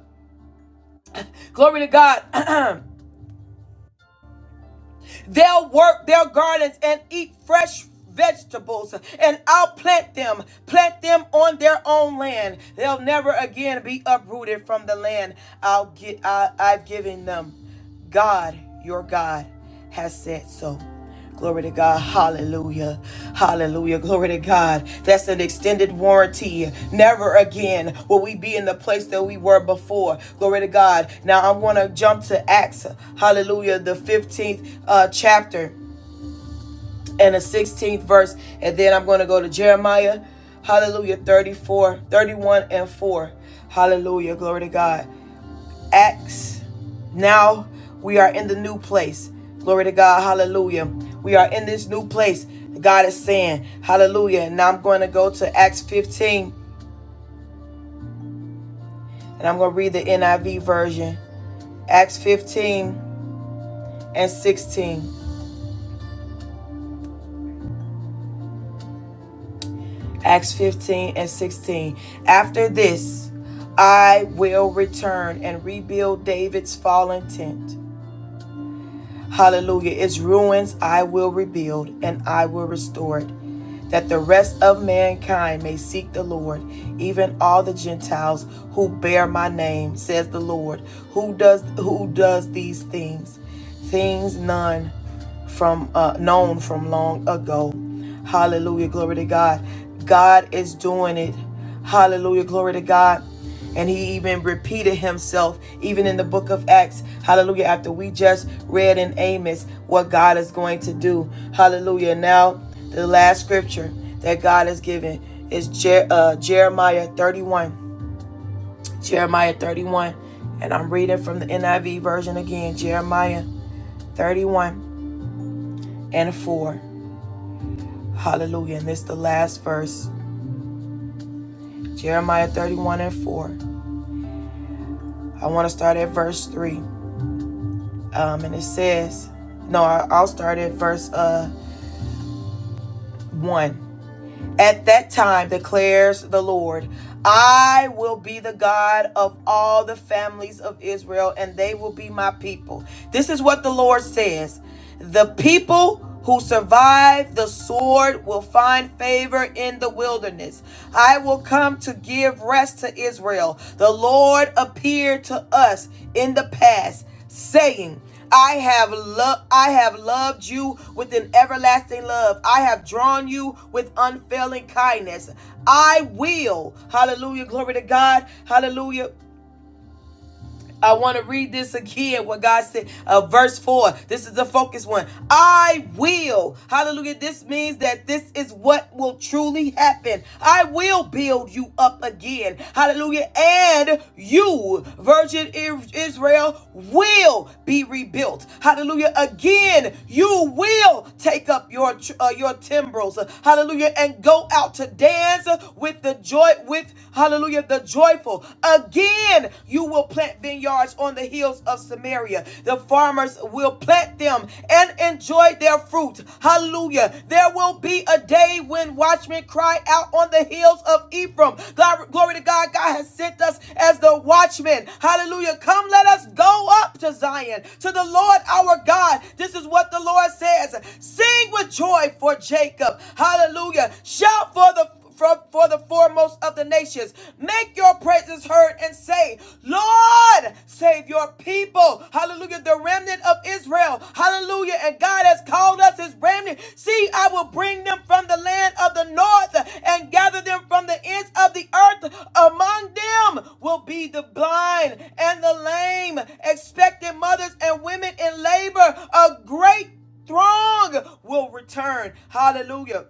A: Glory to God. They'll work their gardens and eat fresh vegetables, and I'll plant them, plant them on their own land. They'll never again be uprooted from the land I'll get, I, I've given them. God, your God, has said so. Glory to God. Hallelujah. Hallelujah. Glory to God. That's an extended warranty. Never again will we be in the place that we were before. Glory to God. Now I want to jump to Acts. Hallelujah. The 15th uh, chapter and the 16th verse. And then I'm going to go to Jeremiah. Hallelujah. 34, 31 and 4. Hallelujah. Glory to God. Acts. Now we are in the new place. Glory to God. Hallelujah. We are in this new place. God is saying, Hallelujah. Now I'm going to go to Acts 15 and I'm going to read the NIV version. Acts 15 and 16. Acts 15 and 16. After this, I will return and rebuild David's fallen tent. Hallelujah. Its ruins I will rebuild and I will restore it, that the rest of mankind may seek the Lord, even all the Gentiles who bear my name, says the Lord. Who does who does these things? Things none from uh, known from long ago. Hallelujah. Glory to God. God is doing it. Hallelujah. Glory to God. And he even repeated himself, even in the book of Acts. Hallelujah. After we just read in Amos what God is going to do. Hallelujah. Now, the last scripture that God has given is Jer- uh, Jeremiah 31. Jeremiah 31. And I'm reading from the NIV version again. Jeremiah 31 and 4. Hallelujah. And this is the last verse. Jeremiah 31 and 4. I want to start at verse 3. um, and it says, "No, I- will start at verse uh, one. At that time declares the Lord, I will be the God of all the families of Israel, and they will be my people. This is what the Lord says: The people who survive the sword will find favor in the wilderness. I will come to give rest to Israel. The Lord appeared to us in the past, saying." I have loved I have loved you with an everlasting love. I have drawn you with unfailing kindness. I will. Hallelujah. Glory to God. Hallelujah. I want to read this again, what God said, uh, verse 4. This is the focus one. I will. Hallelujah. This means that this is what will truly happen. I will build you up again. Hallelujah. And you, Virgin Israel, will be rebuilt. Hallelujah. Again, you will take up your uh, your timbrels. Hallelujah. And go out to dance with the joy, with, hallelujah, the joy fearful. Again, you will plant vineyards on the hills of Samaria. The farmers will plant them and enjoy their fruit. Hallelujah. There will be a day when watchmen cry out on the hills of Ephraim. God, glory to God. God has sent us as the watchmen. Hallelujah. Come, let us go up to Zion, to the Lord our God. This is what the Lord says. Sing with joy for Jacob. Hallelujah. Shout for the for for the foremost of the nations. Make your praises heard and say, Lord, save your people. Hallelujah. The remnant of Israel. Hallelujah. And God has called us his remnant. See, I will bring them from the land of the north and gather them from the ends of the earth. Among them will be the blind and the lame, expectant mothers and women in labor. A great throng will return. Hallelujah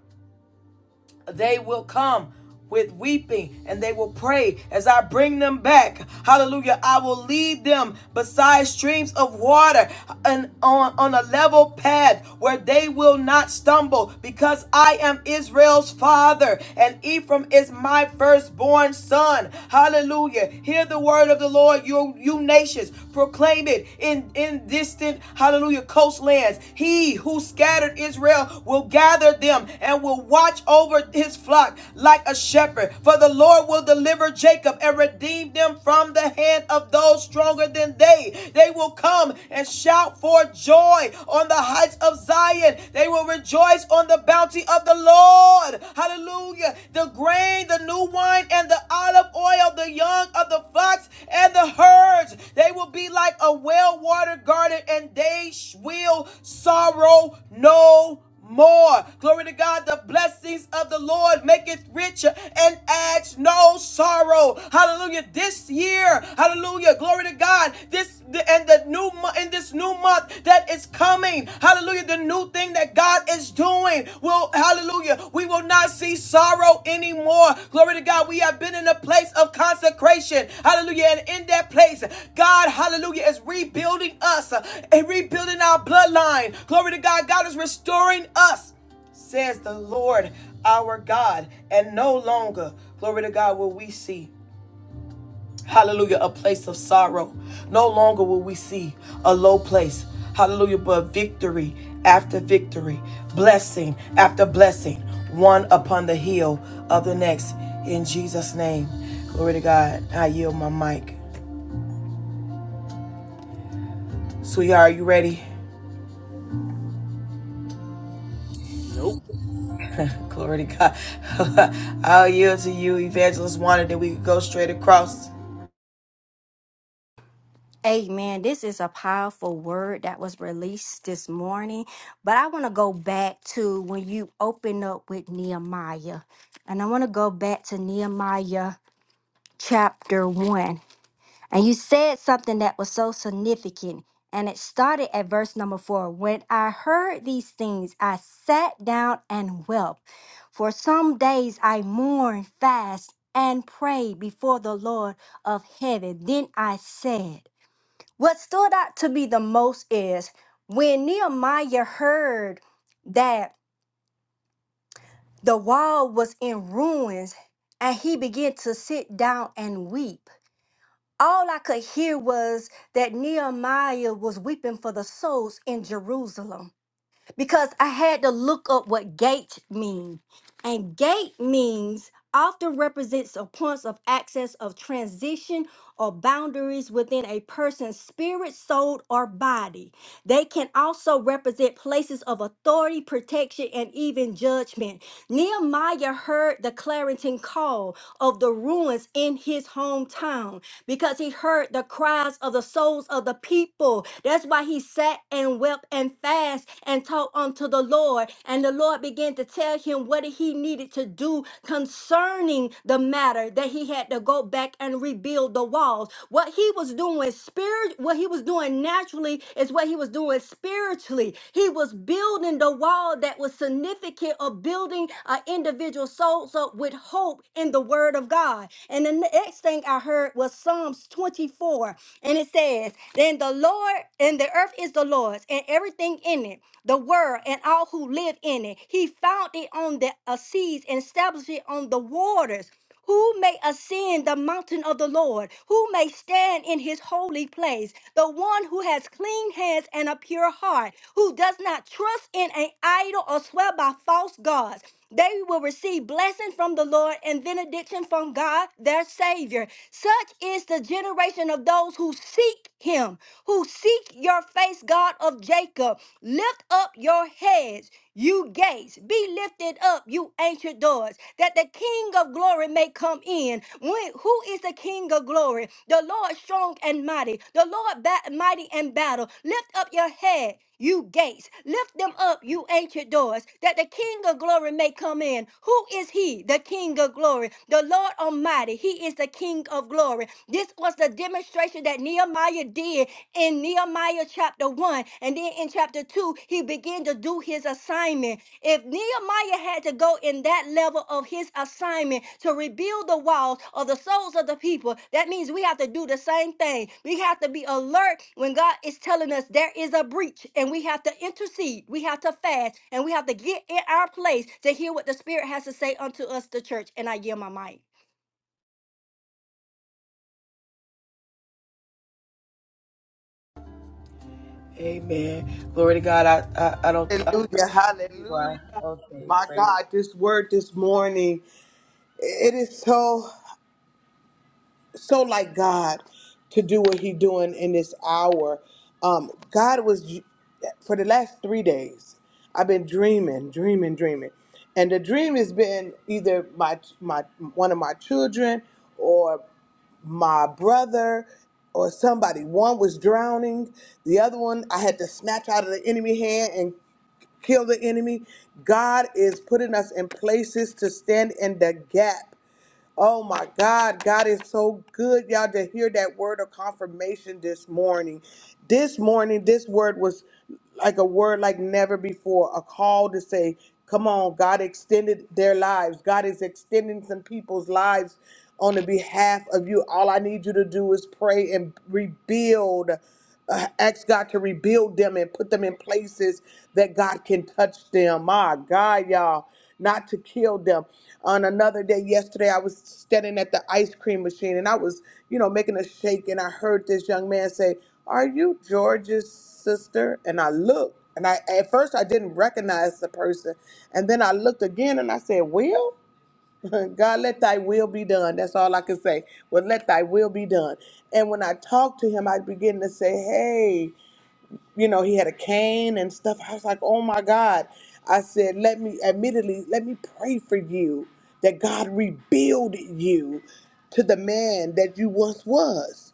A: they will come with weeping and they will pray as I bring them back. Hallelujah. I will lead them beside streams of water and on, on a level path where they will not stumble because I am Israel's father and Ephraim is my firstborn son. Hallelujah. Hear the word of the Lord, you, you nations. Proclaim it in, in in distant, hallelujah, coastlands. He who scattered Israel will gather them and will watch over his flock like a shepherd. For the Lord will deliver Jacob and redeem them from the hand of those stronger than they. They will come and shout for joy on the heights of Zion. They will rejoice on the bounty of the Lord. Hallelujah. The grain, the the new wine and the olive oil, the young of the fox and the herds. They will be like a well watered garden, and they will sorrow no more. Glory to God. The blessings of the Lord maketh rich and adds no sorrow. Hallelujah. This year, hallelujah. Glory to God. This and the new in this new month that is coming coming. Hallelujah. The new thing that God is doing will, hallelujah, we will not see sorrow anymore. Glory to God. We have been in a place of consecration. Hallelujah. And in that place, God, hallelujah, is rebuilding us uh, and rebuilding our bloodline. Glory to God. God is restoring us says the Lord our God. And no longer, glory to God, will we see. Hallelujah, a place of sorrow. No longer will we see a low place. Hallelujah, but victory after victory, blessing after blessing, one upon the heel of the next. In Jesus' name. Glory to God. I yield my mic. Sweetheart, are you ready? Glory to God. I'll yield to you. Evangelist wanted that we could go straight across. Amen. Glory to God. I I, I don't. I don't
B: Hallelujah,
A: think you
B: hallelujah.
A: are. Okay.
B: My
A: Praise
B: God, this word this morning, it is so. so like God to do what He doing in this hour. Um, God was for the last three days. I've been dreaming, dreaming, dreaming, and the dream has been either my my one of my children or my brother or somebody. One was drowning, the other one I had to snatch out of the enemy hand and kill the enemy. God is putting us in places to stand in the gap Oh my God, God is so good, y'all, to hear that word of confirmation this morning. This morning, this word was like a word like never before, a call to say, Come on, God extended their lives. God is extending some people's lives on the behalf of you. All I need you to do is pray and rebuild. Uh, ask God to rebuild them and put them in places that God can touch them. My God, y'all, not to kill them. On another day, yesterday, I was standing at the ice cream machine and I was, you know, making a shake, and I heard this young man say, "Are you George's sister?" And I looked, and I at first I didn't recognize the person, and then I looked again and I said, "Will." God, let thy will be done. That's all I can say. Well, let thy will be done. And when I talked to him, I began to say, hey, you know, he had a cane and stuff. I was like, oh my God. I said, let me, admittedly, let me pray for you that God rebuild you to the man that you once was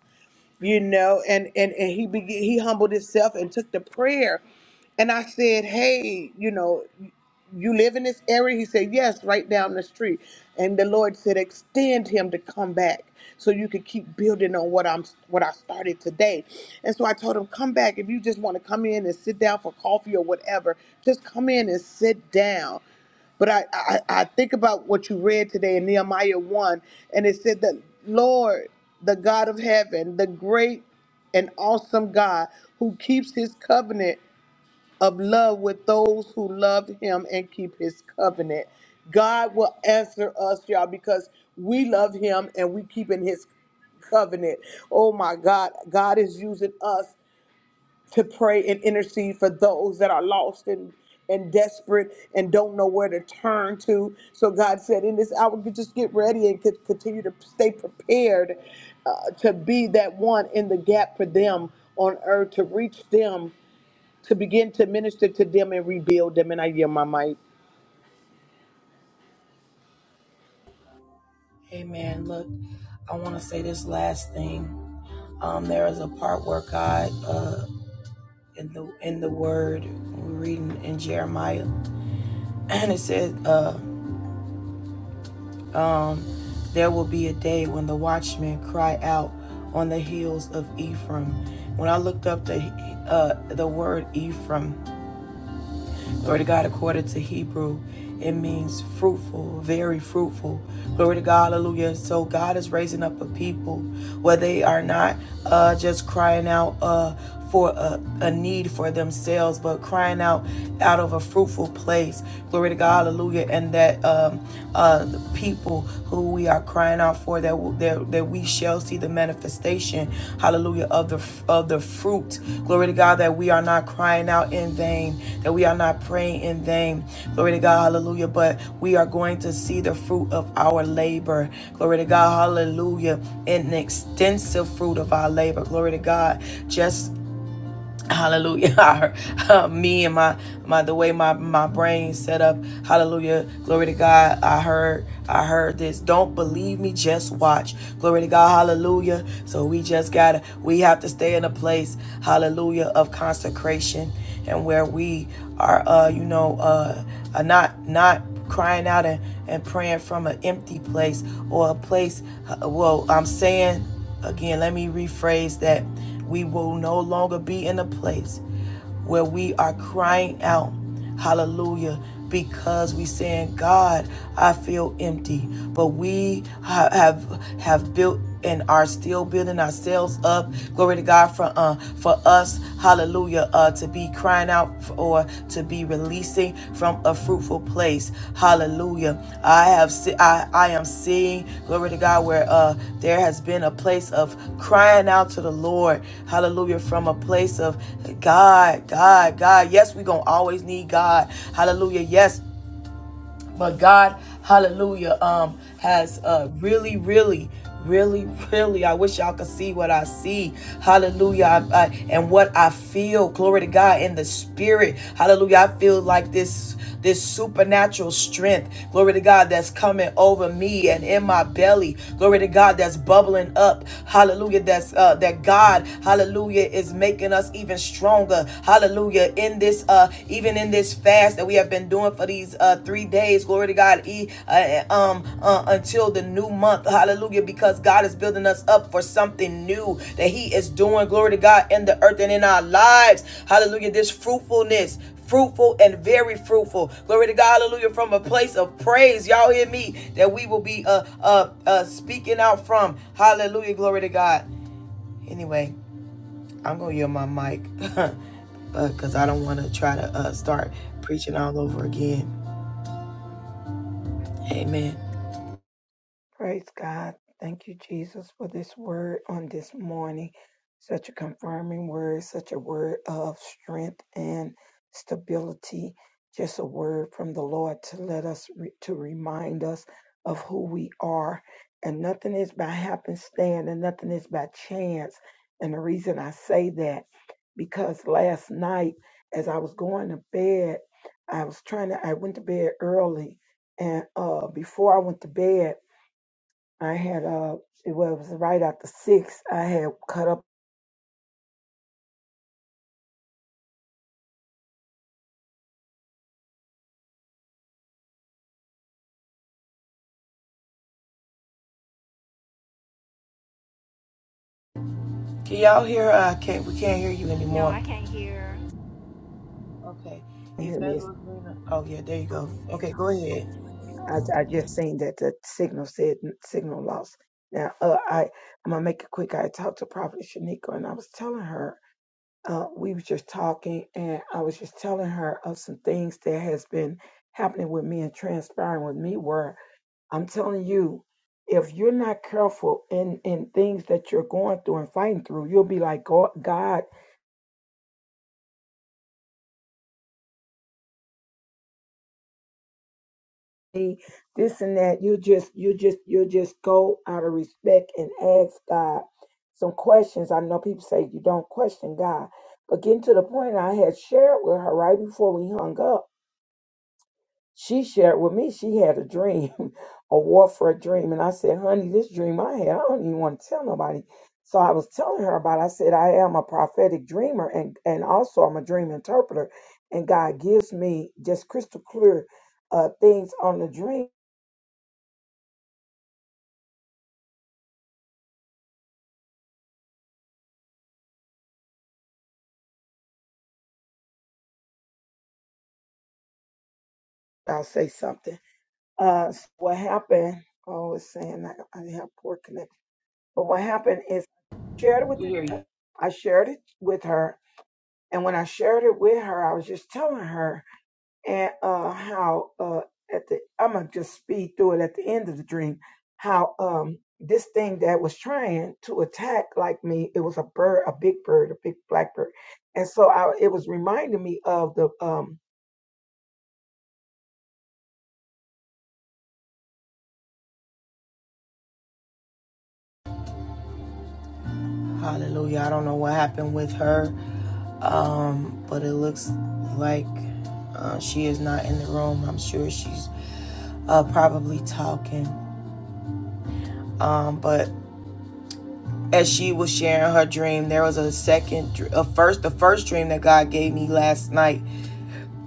B: you know and and, and he be, he humbled himself and took the prayer and i said hey you know you live in this area he said yes right down the street and the lord said extend him to come back so you could keep building on what i'm what i started today and so i told him come back if you just want to come in and sit down for coffee or whatever just come in and sit down but I, I, I think about what you read today in Nehemiah 1, and it said that, Lord, the God of heaven, the great and awesome God who keeps his covenant of love with those who love him and keep his covenant. God will answer us, y'all, because we love him and we keeping his covenant. Oh my God, God is using us to pray and intercede for those that are lost and and desperate and don't know where to turn to. So God said, in this hour, you just get ready and could continue to stay prepared uh, to be that one in the gap for them on earth to reach them, to begin to minister to them and rebuild them. And I yield my mic.
A: Hey man, Look, I want to say this last thing. Um, there is a part where God, uh, in the in the Word, we're reading in Jeremiah, and it said, uh, um, "There will be a day when the watchmen cry out on the hills of Ephraim." When I looked up the uh, the word Ephraim, Glory to God, according to Hebrew, it means fruitful, very fruitful. Glory to God, hallelujah. So God is raising up a people where they are not uh, just crying out uh, for a, a need for themselves, but crying out out of a fruitful place. Glory to God, hallelujah. And that um, uh, the people who we are crying out for that that, that we shall see the manifestation hallelujah of the of the fruit glory to god that we are not crying out in vain that we are not praying in vain glory to god hallelujah but we are going to see the fruit of our labor glory to god hallelujah an extensive fruit of our labor glory to god just Hallelujah. uh, Me and my my the way my my brain set up. Hallelujah. Glory to God. I heard I heard this. Don't believe me, just watch. Glory to God. Hallelujah. So we just got to we have to stay in a place, hallelujah, of consecration and where we are, uh, you know, uh, are not not crying out and, and praying from an empty place or a place. uh, well, I'm saying again, let me rephrase that. We will no longer be in a place where we are crying out Hallelujah. Because we saying, God, I feel empty. But we have have built and are still building ourselves up. Glory to God for uh for us, hallelujah, uh to be crying out for, or to be releasing from a fruitful place. Hallelujah. I have se- I, I am seeing glory to God where uh there has been a place of crying out to the Lord. Hallelujah. From a place of God, God, God. Yes, we're gonna always need God. Hallelujah. Yes. But God, hallelujah, um, has uh, really, really, really, really, I wish y'all could see what I see. Hallelujah. I, I, and what I feel. Glory to God in the spirit. Hallelujah. I feel like this this supernatural strength. Glory to God that's coming over me and in my belly. Glory to God that's bubbling up. Hallelujah. That's uh, that God, hallelujah, is making us even stronger. Hallelujah. Hallelujah. In this, uh, even in this fast that we have been doing for these uh three days, glory to God, e, uh, uh, um, uh, until the new month, hallelujah, because God is building us up for something new that He is doing, glory to God, in the earth and in our lives, hallelujah. This fruitfulness, fruitful and very fruitful. Glory to God, hallelujah, from a place of praise. Y'all hear me? That we will be uh uh uh speaking out from. Hallelujah, glory to God. Anyway, I'm gonna yield my mic because uh, I don't want to try to uh, start preaching all over again. Amen.
C: Praise God. Thank you, Jesus, for this word on this morning. Such a confirming word, such a word of strength and stability. Just a word from the Lord to let us, re- to remind us of who we are. And nothing is by happenstance and nothing is by chance. And the reason I say that, because last night, as I was going to bed, I was trying to, I went to bed early. And uh, before I went to bed, I had uh, it was right after six. I had cut up.
A: Can y'all hear? Uh, can't we can't hear you anymore? Okay,
C: You hear me?
A: Evangelist Lena. Oh yeah, there you go. Okay, go ahead.
C: I, I just seen that the signal said signal lost. Now uh, I I'm gonna make it quick. I talked to Prophet Shanika and I was telling her uh, we was just talking and I was just telling her of some things that has been happening with me and transpiring with me. Where I'm telling you, if you're not careful in in things that you're going through and fighting through, you'll be like God. God me, this and that. You just, you just, you just go out of respect and ask God some questions. I know people say you don't question God, but getting to the point I had shared with her right before we hung up, she shared with me she had a dream, a warfare dream, and I said, "Honey, this dream I had, I don't even want to tell nobody." So I was telling her about. It. I said, "I am a prophetic dreamer, and and also I'm a dream interpreter, and God gives me just crystal clear." Uh, things on the dream I'll say something. Uh, so what happened? Oh, it's saying that I have poor connection. But what happened is I shared it with
A: We
C: the,
A: hear you.
C: I shared it with her, and when I shared it with her, I was just telling her and uh, how uh, at the I'm gonna just speed through it at the end of the dream how um this thing that was trying to attack like me it was a bird a big bird a big black bird and so I, it was reminding me of the um
A: Hallelujah. I don't know what happened with her, um, but it looks like uh, she is not in the room. I'm sure she's uh, probably talking. Um, but as she was sharing her dream there was a second a first the first dream that god gave me last night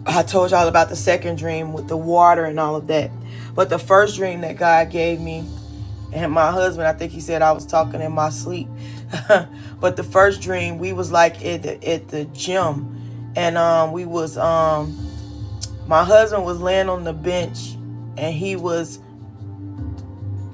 A: i told y'all about the second dream with the water and all of that but the first dream that god gave me and my husband i think he said i was talking in my sleep but the first dream we was like at the, at the gym and um we was um my husband was laying on the bench and he was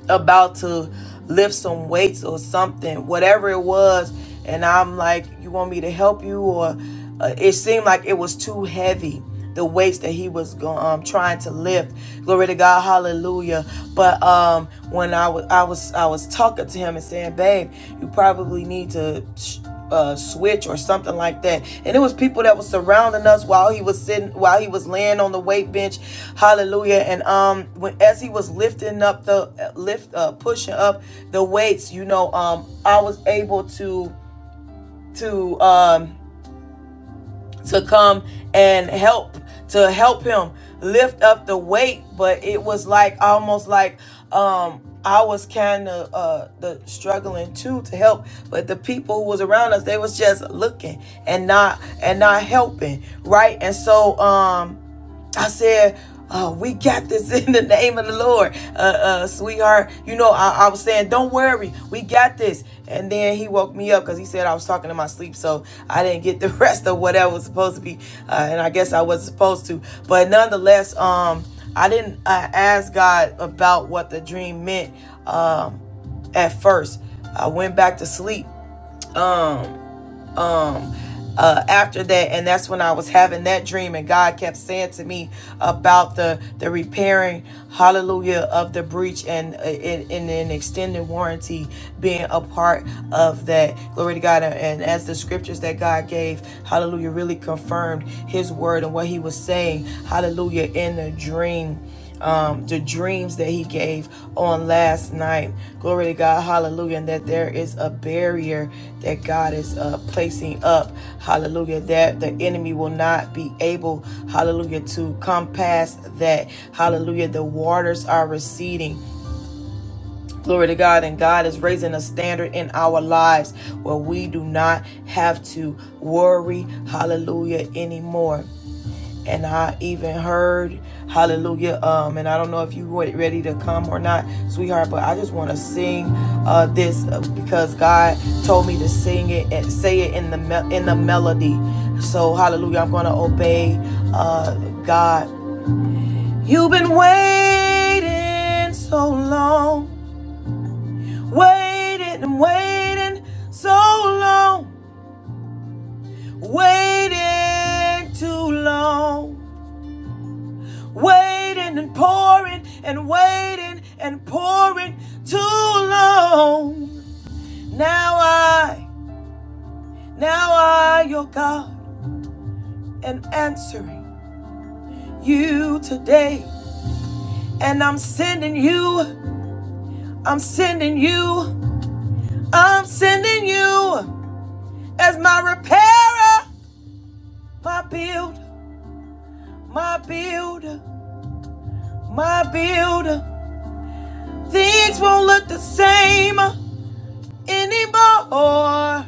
A: about to lift some weights or something, whatever it was. And I'm like, you want me to help you? Or uh, it seemed like it was too heavy, the weights that he was go- um, trying to lift. Glory to God, hallelujah. But um, when I was, I was, I was talking to him and saying, babe, you probably need to. Sh- uh, switch or something like that. And it was people that was surrounding us while he was sitting, while he was laying on the weight bench. Hallelujah! And um, when as he was lifting up the lift, uh, pushing up the weights, you know, um, I was able to to um to come and help to help him lift up the weight but it was like almost like um i was kind of uh the struggling too to help but the people who was around us they was just looking and not and not helping right and so um I said, oh, we got this in the name of the Lord, uh, uh, sweetheart. You know, I, I was saying, don't worry, we got this. And then he woke me up because he said I was talking in my sleep, so I didn't get the rest of what I was supposed to be, uh, and I guess I wasn't supposed to. But nonetheless, um, I didn't uh, ask God about what the dream meant um, at first. I went back to sleep. Um, um uh, after that and that's when i was having that dream and god kept saying to me about the the repairing hallelujah of the breach and uh, in an extended warranty being a part of that glory to god and as the scriptures that god gave hallelujah really confirmed his word and what he was saying hallelujah in the dream um, the dreams that he gave on last night. Glory to God, hallelujah. And that there is a barrier that God is uh, placing up, hallelujah, that the enemy will not be able, hallelujah, to come past that, hallelujah. The waters are receding. Glory to God, and God is raising a standard in our lives where we do not have to worry, hallelujah, anymore and I even heard hallelujah um and I don't know if you were ready to come or not sweetheart but I just want to sing uh this uh, because God told me to sing it and say it in the me- in the melody so hallelujah I'm going to obey uh God you've been waiting so long waiting and waiting so long waiting too long Waiting and pouring and waiting and pouring too long. Now I, now I, your God, am answering you today. And I'm sending you, I'm sending you, I'm sending you as my repairer, my builder, my builder, my builder. Things won't look the same anymore.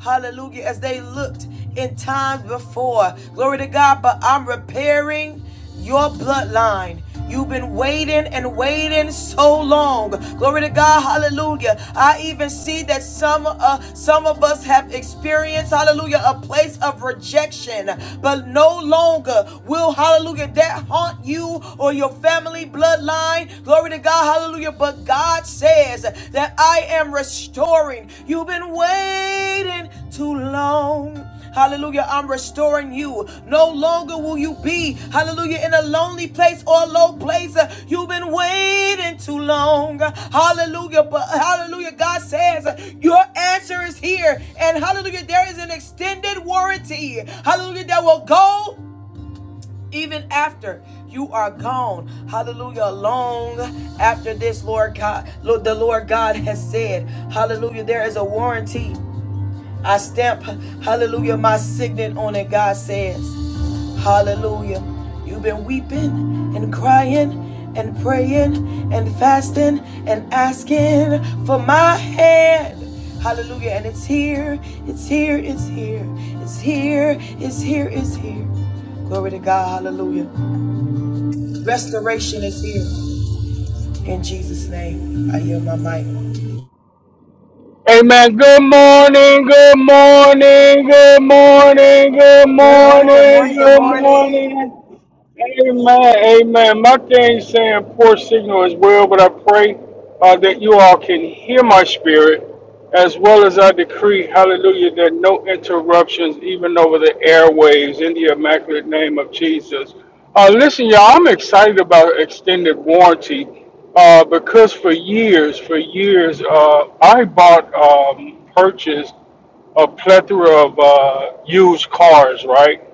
A: Hallelujah. As they looked in times before. Glory to God. But I'm repairing your bloodline. You've been waiting and waiting so long. Glory to God. Hallelujah. I even see that some uh, some of us have experienced hallelujah a place of rejection, but no longer will hallelujah that haunt you or your family bloodline. Glory to God. hallelujah. Hallelujah. But God says that I am restoring. You've been waiting too long. Hallelujah. I'm restoring you. No longer will you be, hallelujah, in a lonely place or a low place. Uh, You've been waiting too long. Hallelujah. But hallelujah, God says uh, your answer is here. And hallelujah, there is an extended warranty. Hallelujah, that will go even after you are gone. Hallelujah. Long after this, Lord God, the Lord God has said, Hallelujah, there is a warranty. I stamp, Hallelujah, my signet on it, God says. Hallelujah. You've been weeping and crying and praying and fasting and asking for my hand. Hallelujah. And it's here, it's here, it's here, it's here, it's here, it's here. Glory to God. Hallelujah. Restoration is here. In Jesus' name, I yield my mic.
D: Amen. Good morning, good morning, good morning, good
E: Good
B: Good
E: morning, good
D: morning,
B: morning.
E: morning, good
B: Good
D: good
E: morning.
B: morning.
D: morning. Amen, amen. My thing saying poor signal as well, but I pray uh, that you all can hear my spirit as well as I decree, hallelujah, that no interruptions, even over the airwaves, in the immaculate name of Jesus. Uh, listen, y'all, I'm excited about extended warranty uh, because for years, for years, uh, I bought, um, purchased a plethora of uh, used cars, right?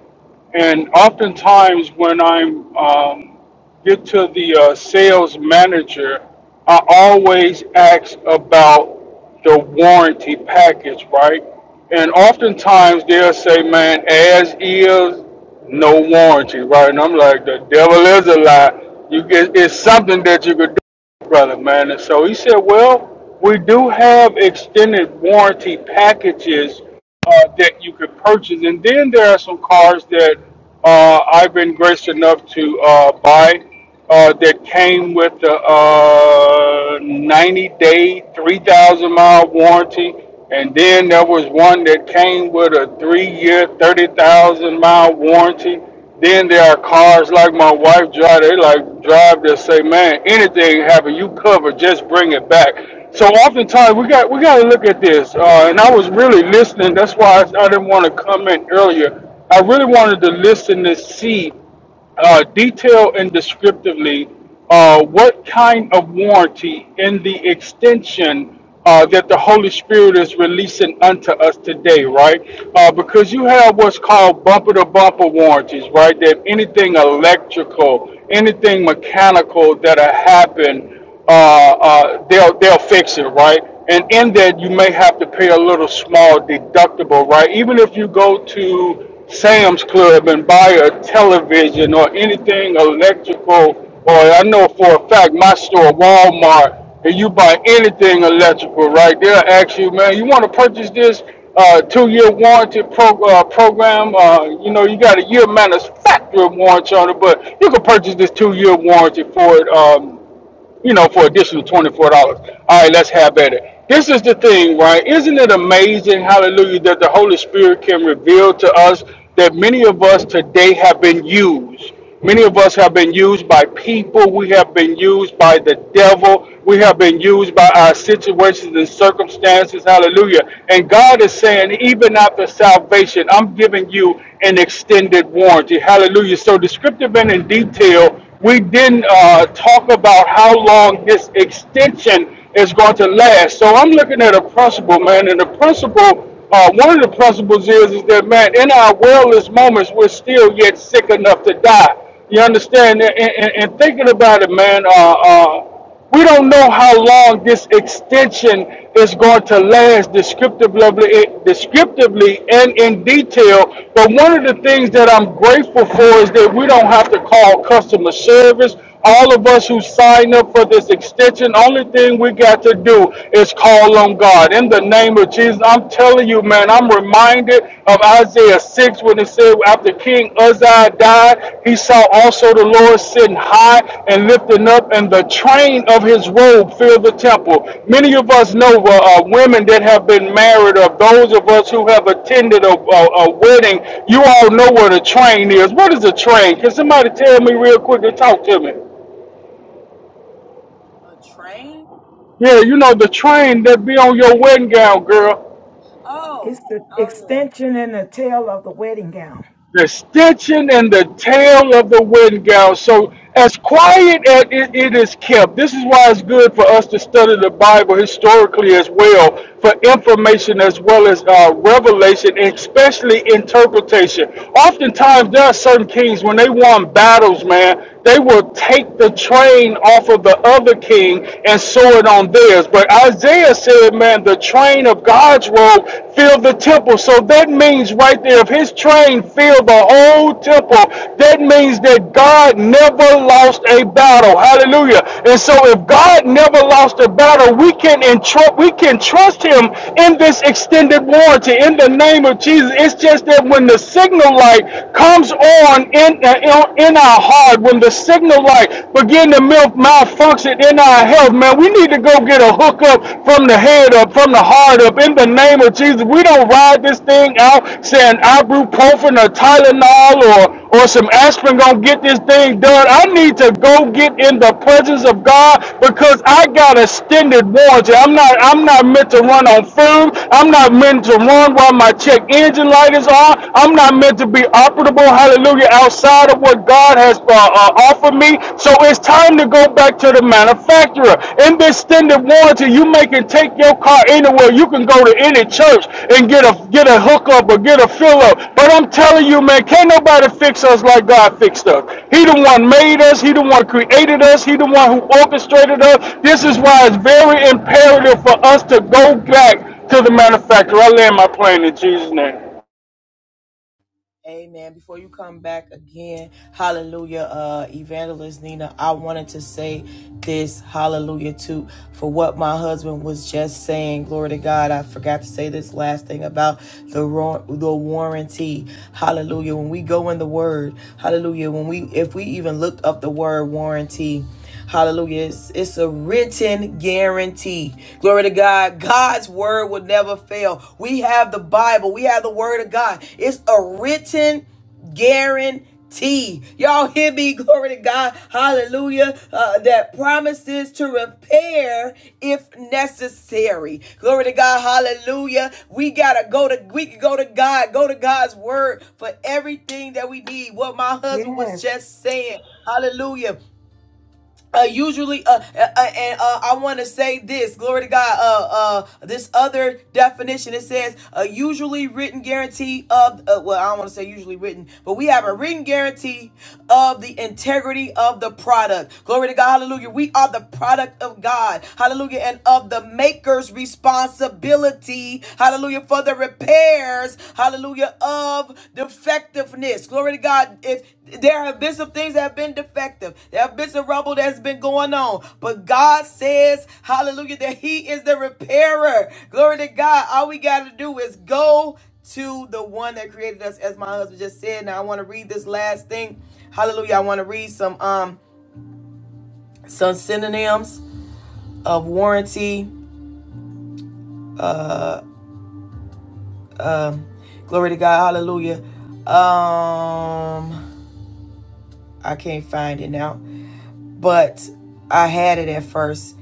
D: And oftentimes, when I'm um, get to the uh, sales manager, I always ask about the warranty package, right? And oftentimes they'll say, "Man, as is, no warranty," right? And I'm like, "The devil is a lie. You get it's something that you could brother, man. And so he said, well, we do have extended warranty packages uh, that you could purchase. And then there are some cars that uh, I've been gracious enough to uh, buy uh, that came with a uh, 90 day, 3,000 mile warranty. And then there was one that came with a three year, 30,000 mile warranty. Then there are cars like my wife drive. They like drive that say, "Man, anything happen, you cover. Just bring it back." So oftentimes we got we got to look at this. Uh, and I was really listening. That's why I, I didn't want to comment earlier. I really wanted to listen to see uh, detail and descriptively uh, what kind of warranty in the extension uh, that the Holy Spirit is releasing unto us today, right? Uh, because you have what's called bumper to bumper warranties, right? That anything electrical, anything mechanical that happen uh, uh, they'll they'll fix it, right? And in that, you may have to pay a little small deductible, right? Even if you go to Sam's Club and buy a television or anything electrical, or I know for a fact my store, Walmart, and you buy anything electrical, right? They'll ask you, man, you want to purchase this uh, two-year warranty pro- uh, program? Uh, you know, you got a year manufacturer warranty on it, but you can purchase this two-year warranty for it. Um, you know, for additional twenty-four dollars. All right, let's have at it. This is the thing, right? Isn't it amazing, hallelujah, that the Holy Spirit can reveal to us that many of us today have been used. Many of us have been used by people. We have been used by the devil. We have been used by our situations and circumstances. Hallelujah. And God is saying, even after salvation, I'm giving you an extended warranty. Hallelujah. So descriptive and in detail we didn't uh, talk about how long this extension is going to last. So I'm looking at a principle, man, and the principle, uh, one of the principles is, is that, man, in our worldless moments, we're still yet sick enough to die. You understand? And, and, and thinking about it, man, uh, uh, we don't know how long this extension is going to last descriptively, eh, descriptively and in detail. But one of the things that I'm grateful for is that we don't have to call customer service. All of us who sign up for this extension, only thing we got to do is call on God. In the name of Jesus, I'm telling you, man, I'm reminded of Isaiah 6 when it said after King Uzziah died, he saw also the Lord sitting high and lifting up, and the train of his robe filled the temple. Many of us know uh, uh, women that have been married, or those of us who have attended a, a, a wedding, you all know what a train is. What is a train? Can somebody tell me real quick and talk to me?
A: A train?
D: Yeah, you know the train that be on your wedding gown, girl.
A: Oh,
C: it's the
A: oh yeah.
C: extension and the tail of the wedding gown.
D: the stitching and the tail of the wedding gown. So as quiet as it, it is kept, this is why it's good for us to study the Bible historically as well, for information as well as uh, revelation, and especially interpretation. Oftentimes, there are certain kings when they won battles, man, they will take the train off of the other king and sew it on theirs. But Isaiah said, man, the train of God's watchrobe filled the temple. So that means right there, if his train filled the whole temple, that means that God never lost a battle. Hallelujah. And so if God never lost a battle, we can entrust we can trust him in this extended warranty in the name of Jesus. It's just that when the signal light comes on in, uh, in our heart, when the signal light begin to malfunction in our our health, man. We need to go get a hookup from the head up, from the heart up, in the name of Jesus. We don't ride this thing out saying ibuprofen or Tylenol or or some aspirin gonna get this thing done. I need to go get in the presence of God because I got extended warranty. I'm not I'm not meant to run on fumes. I'm not meant to run while my check engine light is on. I'm not meant to be operable, hallelujah, outside of what God God has uh, uh, offered me. So it's time to go back to the manufacturer. In this extended warranty, you make and take your car anywhere. You can go to any church and get a get a hookup or get a fill up. But I'm telling you, man, can't nobody fix us like God fixed us. He the one made us. He the one created us. He the one who orchestrated us. This is why it's very imperative for us to go back to the manufacturer. I land my plane in Jesus' name.
A: Amen. Before you come back again, hallelujah, uh, evangelist Nina, I wanted to say this, hallelujah, too, for what my husband was just saying. Glory to God. I forgot to say this last thing about the the warranty. Hallelujah. When we go in the word, hallelujah, when we if we even look up the word warranty, Hallelujah. It's, it's a written guarantee. Glory to God. God's word will never fail. We have the Bible, we have the word of God. It's a written guarantee. Y'all hear me? Glory to God. Hallelujah. Uh, that promises to repair if necessary. Glory to God. Hallelujah. We gotta go to we can go to God, go to God's word for everything that we need. What my husband
C: Yes.
A: was just saying. Hallelujah uh, usually, uh, uh, uh, and uh, I want to say this, glory to God. Uh, uh, this other definition it says, uh, usually written guarantee of, uh, well, I don't want to say usually written, but we have a written guarantee of the integrity of the product. Glory to God, hallelujah. We are the product of God, hallelujah, and of the maker's responsibility, hallelujah, for the repayment pairs, hallelujah, of defectiveness. Glory to God. If there have been some things that have been defective, there have been some rubble that's been going on, but God says, hallelujah, that He is the repairer. Glory to God. All we got to do is go to the one that created us, as my husband just said. Now I want to read this last thing. Hallelujah. I want to read some um some synonyms of warranty. Uh um glory to God, hallelujah. Um I can't find it now, but I had it at first.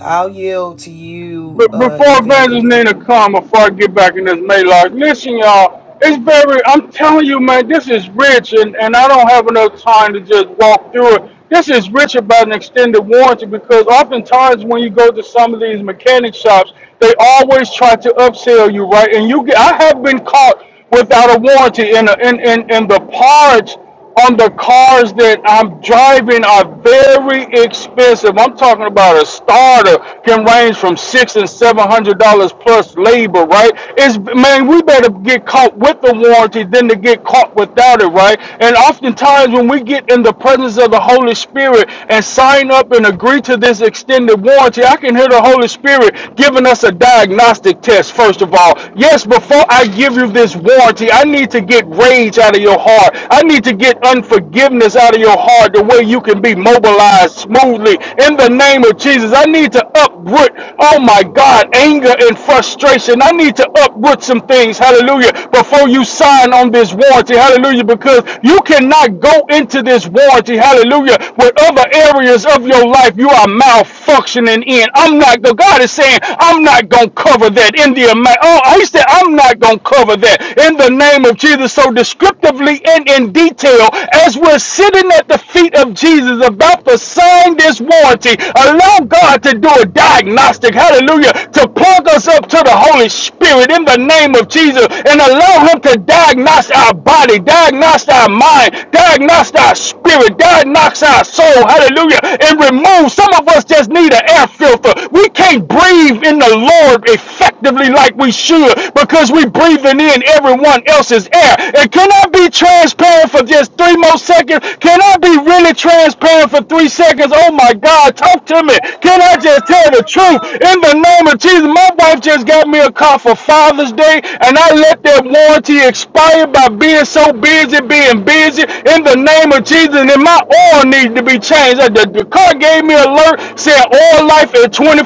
A: I'll yield to you,
D: But
A: uh,
D: before Evangelist
A: Evangelist.
D: Nina come, before I get back in this Maylock, listen, y'all. It's very. I'm telling you, man. This is rich, and and I don't have enough time to just walk through it. This is rich about an extended warranty because oftentimes when you go to some of these mechanic shops, they always try to upsell you, right? And you get. I have been caught without a warranty in a, in, in in the parts on the cars that I'm driving are very expensive. I'm talking about a starter can range from six and seven hundred dollars plus labor, right? It's man, we better get caught with the warranty than to get caught without it, right? And oftentimes when we get in the presence of the Holy Spirit and sign up and agree to this extended warranty, I can hear the Holy Spirit giving us a diagnostic test, first of all. Yes, before I give you this warranty, I I need to get rage out of your heart. I need to get unforgiveness out of your heart the way you can be mobilized smoothly. In the name of Jesus, I need to uproot, oh my God, anger and frustration. I need to uproot some things, hallelujah, before you sign on this warranty, hallelujah, because you cannot go into this warranty, hallelujah, with other areas of your life you are malfunctioning in. I'm not, the God is saying, I'm not going to cover that in the amount. Oh, I said, I'm not going to cover that in the name of Jesus. So, descriptively and in detail, as we're sitting at the feet of Jesus about to sign this warranty, allow God to do a diagnostic, hallelujah, to plug us up to the Holy Spirit in the name of Jesus and allow Him to diagnose our body, diagnose our mind, diagnose our spirit, diagnose our soul, hallelujah, and remove. Some of us just need an air filter. We can't breathe breathe in the Lord effectively like we should because we're breathing in everyone else's air. And can I be transparent for just three more seconds? Can I be really transparent for three seconds? Oh my God, talk to me. Can I just tell the truth? In the name of Jesus, my wife just got me a car for Father's Day and I let that warranty expire by being so busy, being busy in the name of Jesus. And my oil needs to be changed. The, the car gave me a alert word said oil life at 24%.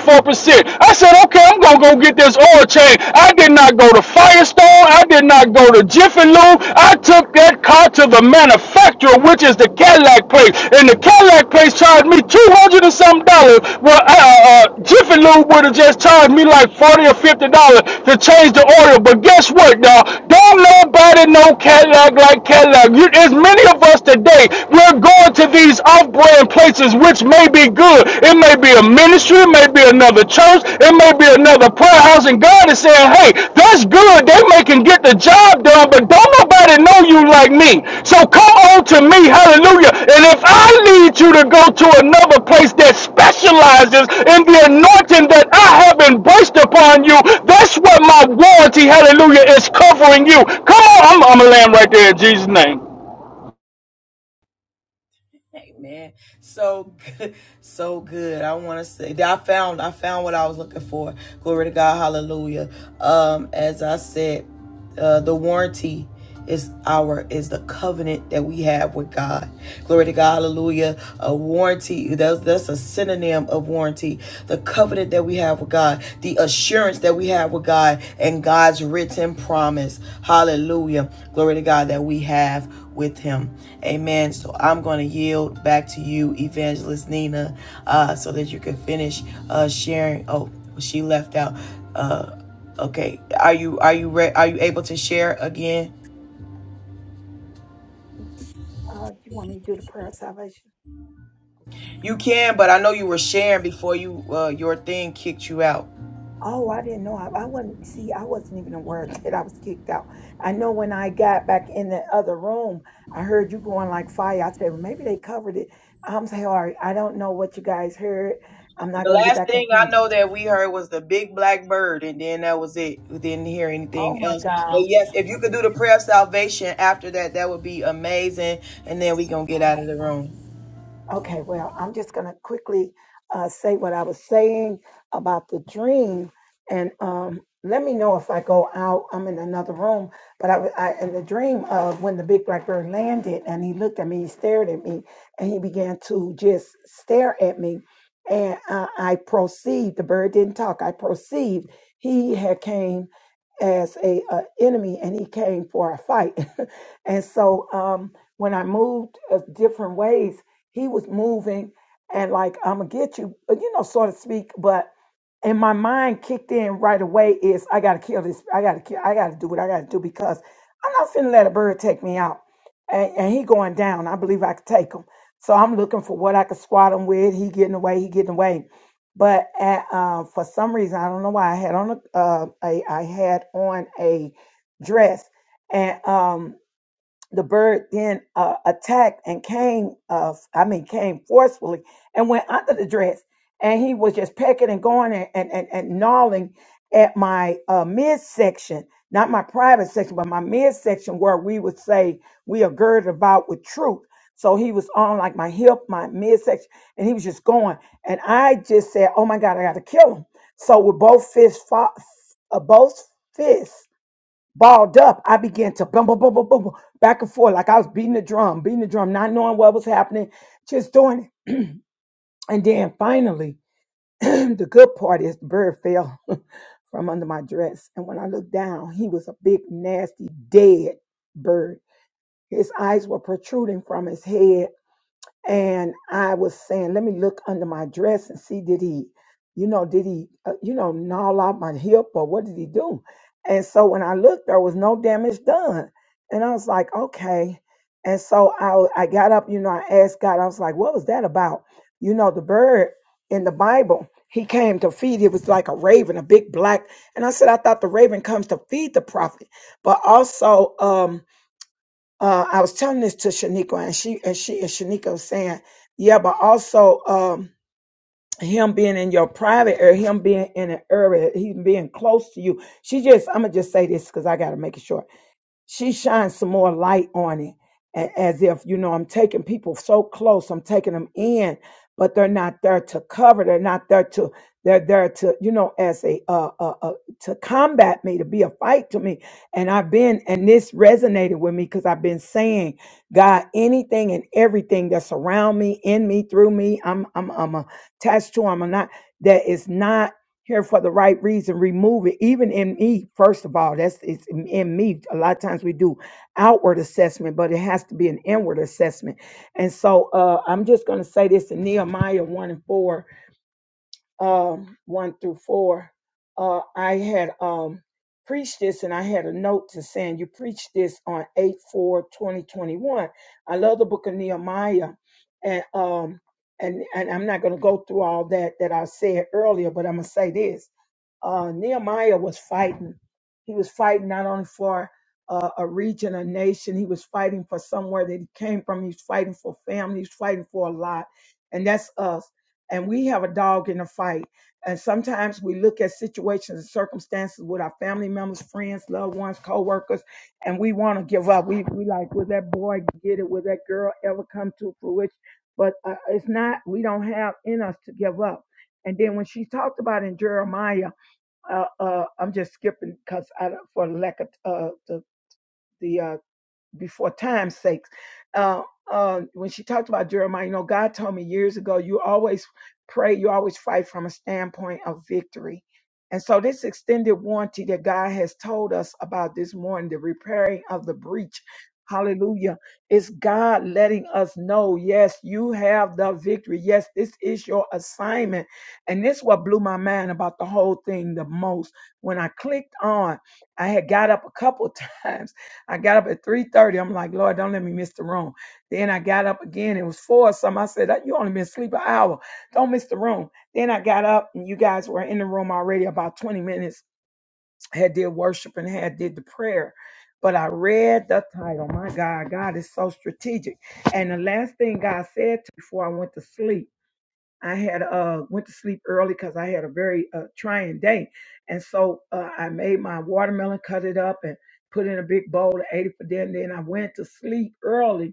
D: I said, okay, I'm going to go get this oil change. I did not go to Firestone. I did not go to Jiffy Lube. I took that car to the manufacturer, which is the Cadillac place. And the Cadillac place charged me 200 and some dollars. Well, uh, uh, uh, Jiffy Lube would have just charged me like 40 or 50 dollars to change the oil. But guess what, y'all? Don't nobody know Cadillac like Cadillac. You, as many of us today, we're going to these off-brand places which may be good. It may be a ministry, it may be another church, it may be another prayer house, and God is saying, hey, that's good. They may can get the job done, but don't nobody know you like me. So come on to me, hallelujah. And if I need you to go to another place that specializes in the anointing that I have embraced upon you, that's what my warranty, hallelujah, is covering you. Come on, I'm, I'm a lamb right there in Jesus' name.
A: like, Man, So good. So good. I want to say that I found I found what I was looking for. Glory to God. Hallelujah. Um, as I said, uh, the warranty is our is the covenant that we have with God. Glory to God. Hallelujah. A warranty. That's that's a synonym of warranty. The covenant that we have with God. The assurance that we have with God and God's written promise. Hallelujah. Glory to God that we have with him. Amen. So I'm going to yield back to you, Evangelist Nina, uh, so that you can finish uh, sharing. Oh, she left out. Uh, okay. Are you are you re- are you able to share again?
C: Uh, you want me to do the prayer of salvation?
A: You can, but I know you were sharing before you uh, your thing kicked you out.
C: Oh, I didn't know. I, I wasn't, see, I wasn't even aware that I was kicked out. I know when I got back in the other room, I heard you going like fire. I said, well, maybe they covered it. I'm so sorry. I don't know what you guys heard. I'm not
A: The
C: going to get
A: last
C: back into
A: thing I
C: this.
A: know that we heard was the big black bird, and then that was it. We didn't hear
C: Oh
A: anything
C: my
A: else. But
C: God.
A: yes, if you could do the prayer of salvation after that, that would be amazing. And then we gonna get out of the room.
C: Okay, well, I'm just going to quickly uh, say what I was saying about the dream, and um, let me know if I go out. I'm in another room, but I, I in the dream of when the big black bird landed, and he looked at me, he stared at me, and he began to just stare at me, and uh, I perceived the bird didn't talk. I perceived he had came as a, uh enemy and he came for a fight and so um when i moved uh, different ways he was moving and like i'm gonna get you uh, you know so to speak but and my mind kicked in right away is i gotta kill this i gotta kill i gotta do what i gotta do because i'm not finna let a bird take me out and, and he going down i believe i could take him so i'm looking for what i could squat him with he getting away he getting away but at, um, for some reason, I don't know why I had on a, uh, a I had on a dress, and um, the bird then uh, attacked and came uh, i mean came forcefully and went under the dress and he was just pecking and going and and, and, and gnawing at my uh, midsection not my private section but my midsection where we would say we are girded about with truth so he was on like my hip my midsection and he was just going and i just said oh my god i gotta kill him so with both fists fought, uh, both fists balled up, I began to bum, bum, bum, bum, bum, bum, back and forth, like I was beating the drum, beating the drum, not knowing what was happening, just doing it. And then finally, the good part is the bird fell from under my dress. And when I looked down, he was a big, nasty, dead bird. His eyes were protruding from his head and I was saying, let me look under my dress and see did he, you know, did he, uh, you know, gnaw out my hip or what did he do? And so when I looked, there was no damage done, and I was like, okay. And so I w- I got up, you know, I asked God, I was like, what was that about? You know, the bird in the Bible. He came to feed. It was like a raven, a big black. And I said, I thought the raven comes to feed the prophet, but also, um, uh, I was telling this to Shanika, and she and she and Shanika was saying, yeah, but also um, him being in your private area, him being in an area, he being close to you. She just, I'm gonna just say this because I gotta make it short she shines some more light on it a- as if you know i'm taking people so close i'm taking them in but they're not there to cover they're not there to they're there to you know as a uh, uh, uh to combat me to be a fight to me and i've been and this resonated with me because i've been saying god anything and everything that's around me in me through me i'm i'm i'm attached to i'm not that is not here for the right reason, remove it. Even in me, first of all, that's it's in in me. A lot of times we do outward assessment, but it has to be an inward assessment. And so uh, I'm just going to say this in Nehemiah 1 and 4 um, one through four, uh, I had um, preached this and I had a note to saying, You preached this on 8 four twenty twenty one. I love the book of Nehemiah. And, um, and, and I'm not going to go through all that that I said earlier, but I'm going to say this uh, Nehemiah was fighting. He was fighting not only for uh, a region, a nation, he was fighting for somewhere that he came from. He was fighting for family, he was fighting for a lot. And that's us and we have a dog in a fight. And sometimes we look at situations and circumstances with our family members, friends, loved ones, co-workers, and we want to give up. We we like, will that boy get it? Will that girl ever come to fruition? But uh, it's not. We don't have in us to give up. And then when she talked about in Jeremiah, uh, uh, I'm just skipping because for lack of uh, the the uh, before time's sake. Uh, uh, when she talked about Jeremiah, you know, God told me years ago, you always pray, you always fight from a standpoint of victory. And so, this extended warranty that God has told us about this morning, the repairing of the breach, hallelujah, is God letting us know, yes, you have the victory. Yes, this is your assignment. And this what blew my mind about the whole thing the most. When I clicked on, I had got up a couple times I got up at 3.30. I'm like, Lord, don't let me miss the room. Then I got up again. It was 4 or something. I said, you only been asleep an hour. Don't miss the room. Then I got up and you guys were in the room already about 20 minutes, had did worship and had did the prayer. But I read the title. My God, God is so strategic. And the last thing God said to me before I went to sleep I had uh went to sleep early because I had a very uh, trying day, and so uh, I made my watermelon, cut it up, and put it in a big bowl and ate it for dinner. Then I went to sleep early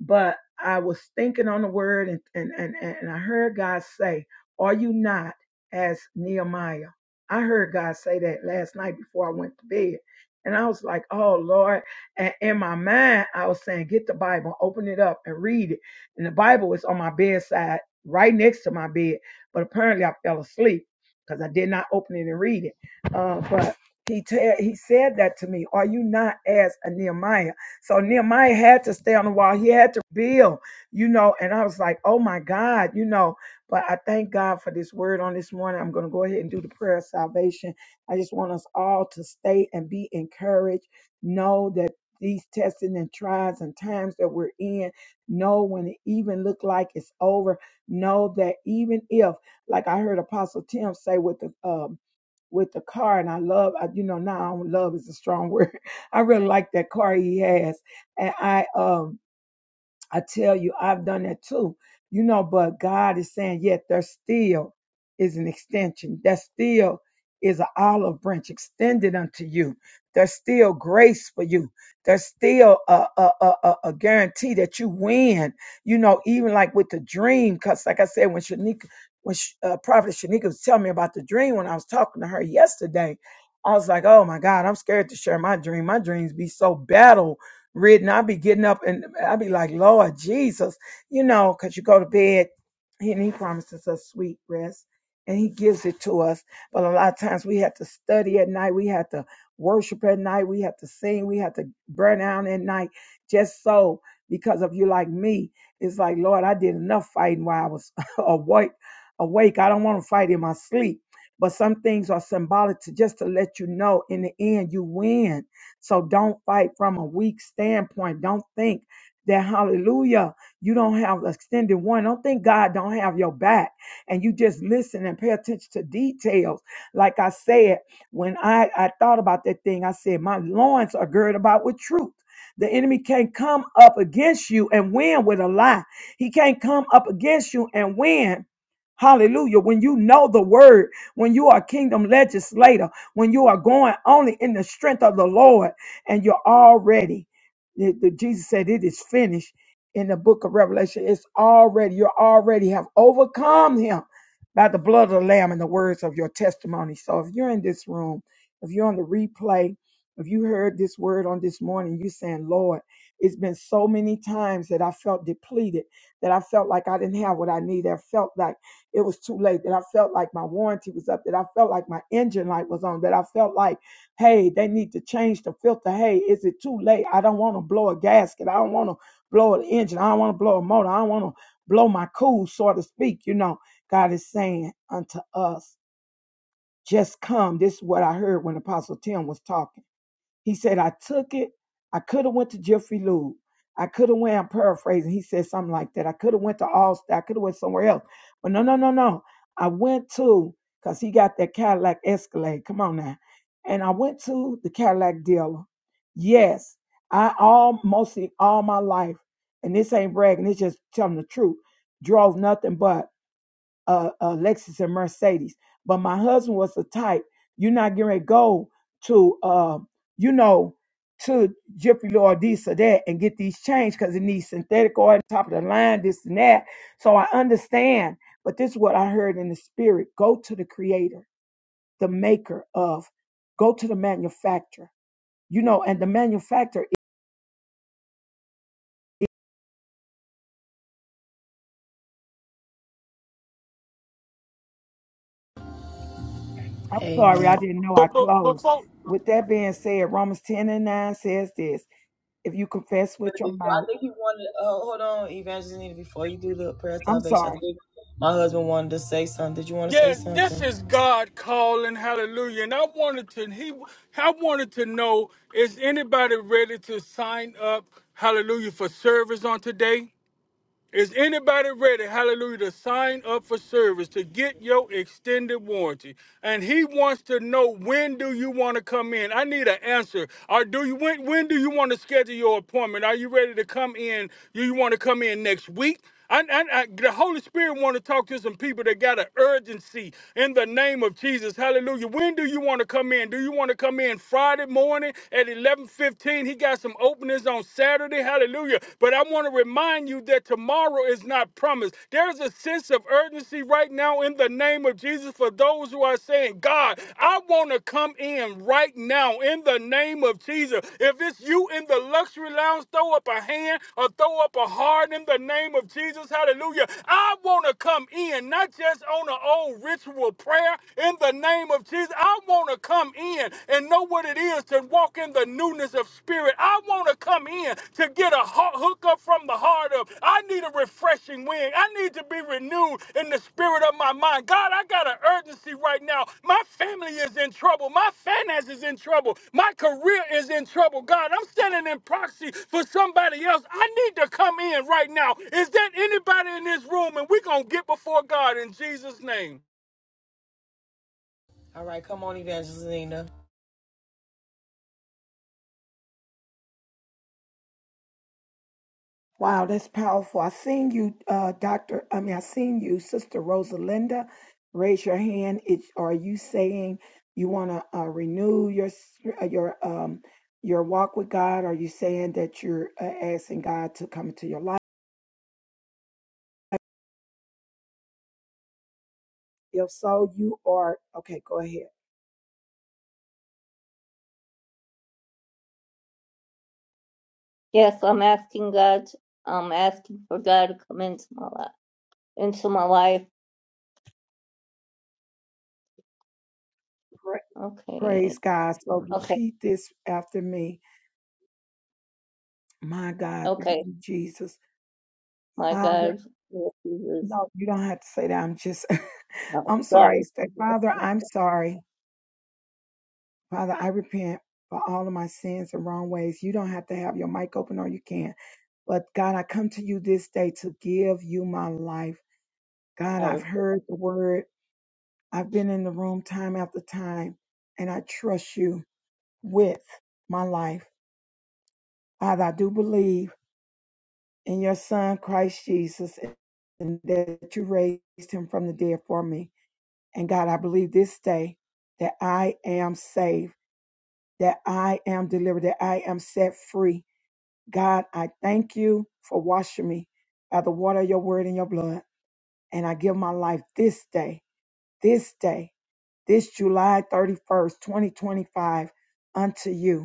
C: but I was thinking on the word and, and, and, and I heard God say, Are you not as Nehemiah? I heard God say that last night before I went to bed. And I was like, Oh Lord. And in my mind, I was saying, Get the Bible, open it up and read it. And the Bible was on my bedside, right next to my bed. But apparently I fell asleep because I did not open it and read it. Uh, but he, ta- he said that to me, Are you not as a Nehemiah? So Nehemiah had to stay on the wall. He had to build, you know. And I was like, oh my God, you know. But I thank God for this word on this morning. I'm going to go ahead and do the prayer of salvation. I just want us all to stay and be encouraged. Know that these testing and trials and times that we're in, know when it even look like it's over. Know that even if, like I heard Apostle Tim say with the um with the car and I love I, you know now I don't love is a strong word I really like that car he has. And I um I tell you, I've done that too. You know, but God is saying, yet there still is an extension. There still is an olive branch extended unto you. There's still grace for you. There's still a, a, a, a a guarantee that you win. You know, even like with the dream, because like I said, when Shanika, when Sh- uh, Prophet Shanika was telling me about the dream, when I was talking to her yesterday, I was like, oh my God, I'm scared to share my dream. My dreams be so battle reading. I'll be getting up and I'll be like, Lord Jesus, you know, because you go to bed and he promises us sweet rest and he gives it to us. But a lot of times we have to study at night. We have to worship at night. We have to sing. We have to burn out at night just so because of you like me. It's like, Lord, I did enough fighting while I was awake. Awake. I don't want to fight in my sleep. But some things are symbolic to just to let you know in the end you win so don't fight from a weak standpoint. Don't think that hallelujah, you don't have extended one. Don't think God don't have your back and you just listen and pay attention to details. Like I said, when I, I thought about that thing, I said, my loins are girded about with truth. The enemy can't come up against you and win with a lie. He can't come up against you and win. Hallelujah. When you know the word, when you are a kingdom legislator, when you are going only in the strength of the Lord and you're already, the, the- Jesus said, it is finished in the book of Revelation. It's already, you already have overcome him by the blood of the Lamb and the words of your testimony. So if you're in this room, if you're on the replay, if you heard this word on this morning, you're saying, Lord, it's been so many times that I felt depleted, that I felt like I didn't have what I needed. I felt like it was too late, that I felt like my warranty was up, that I felt like my engine light was on, that I felt like, hey, they need to change the filter. Hey, is it too late? I don't want to blow a gasket. I don't want to blow an engine. I don't want to blow a motor. I don't want to blow my cool, so to speak. You know, God is saying unto us, just come. This is what I heard when Apostle Tim was talking he said, I took it. I could have went to Jeffrey Lube. I could have went, I'm paraphrasing. He said something like that. I could have went to Allstate. I could have went somewhere else. But no, no, no, no. I went to, because he got that Cadillac Escalade. Come on now. And I went to the Cadillac dealer. Yes, I all mostly all my life, and this ain't bragging, it's just telling the truth, drove nothing but uh, uh, Lexus and Mercedes. But my husband was the type, you're not getting ready to go to, uh, you know, to Jiffy Lube or this or that and get these changed because it needs synthetic oil, top of the line, this and that. So I understand, but this is what I heard in the spirit. Go to the creator, the maker of, go to the manufacturer, you know, and the manufacturer, I'm sorry,
A: Amen.
C: I didn't know I
D: But, but, but
C: closed. With that being said, Romans 10 and 9 says this, if you confess with
A: But
C: your
A: before,
C: mouth,
A: I think he wanted. Uh, hold on, Evangelina. Before you do the prayer of
C: I'm
A: salvation, I
C: sorry.
A: think my husband wanted to say something. Did you want to say something? All right, come on, Evangelina.
C: Wow, that's powerful. I seen you, uh, Doctor. I mean, I seen you, Sister Rosalinda. Raise your hand. It, are you saying you want to uh, renew your s- uh, your um your walk with God? Are you saying that you're uh, asking God to come into your life? If so, you are okay. Go ahead.
F: Yes, I'm asking God. I'm asking for God to come into my life. Into my life.
C: Pra-
F: Okay.
C: praise God. So
F: Okay.
C: repeat this after me. My God, thank
F: Okay.
C: you, Jesus,
F: My
C: Father.
F: God. Yes, Jesus.
C: No, you don't have to say that. I'm just.
F: No,
C: I'm
F: sorry.
C: sorry. Say, Father, I'm sorry Father, I repent for all of my sins and wrong ways. You don't have to have your mic open or you can. But God, I come to you this day to give you my life. God,
F: I
C: I've
F: repeat.
C: heard the word. I've been in the room time after time, and I trust you with my life. Father, I do believe in your son, Christ Jesus, and that you raised him from the dead for me. And God, I believe this day that I am saved, that I am delivered, that I am set free God, I thank you for washing me by the water of your word and your blood. And I give my life this day, this day, this July 31st, 2025, unto you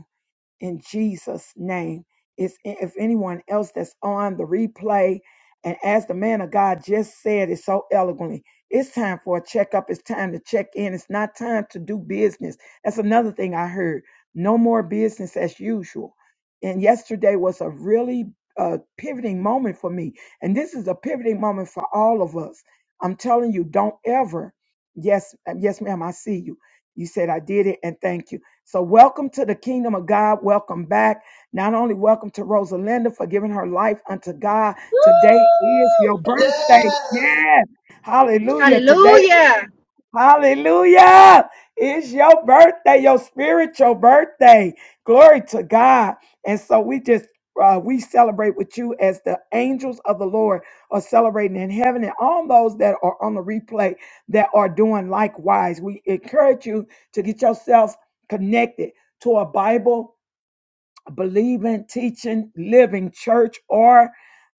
C: in Jesus' name. Is if anyone else that's on the replay, and as the man of God just said it so eloquently, it's time for a checkup. It's time to check in. It's not time to do business. That's another thing I heard. No more business as usual. And yesterday was a really uh, pivoting moment for me. And this is a pivoting moment for all of us. I'm telling you, don't ever. Yes, uh, yes, ma'am, I see you. You said I did it, and thank you so, welcome to the kingdom of God. Welcome back. Not only welcome to Rosalinda for giving her life unto God. Today is your birthday. Yes. Hallelujah. Today
E: Hallelujah.
C: Hallelujah. It's your birthday, your spiritual birthday. Glory to God. And so we just uh, we celebrate with you as the angels of the Lord are celebrating in heaven and all those that are on the replay that are doing likewise. We encourage you to get yourself connected to a Bible believing, teaching, living church or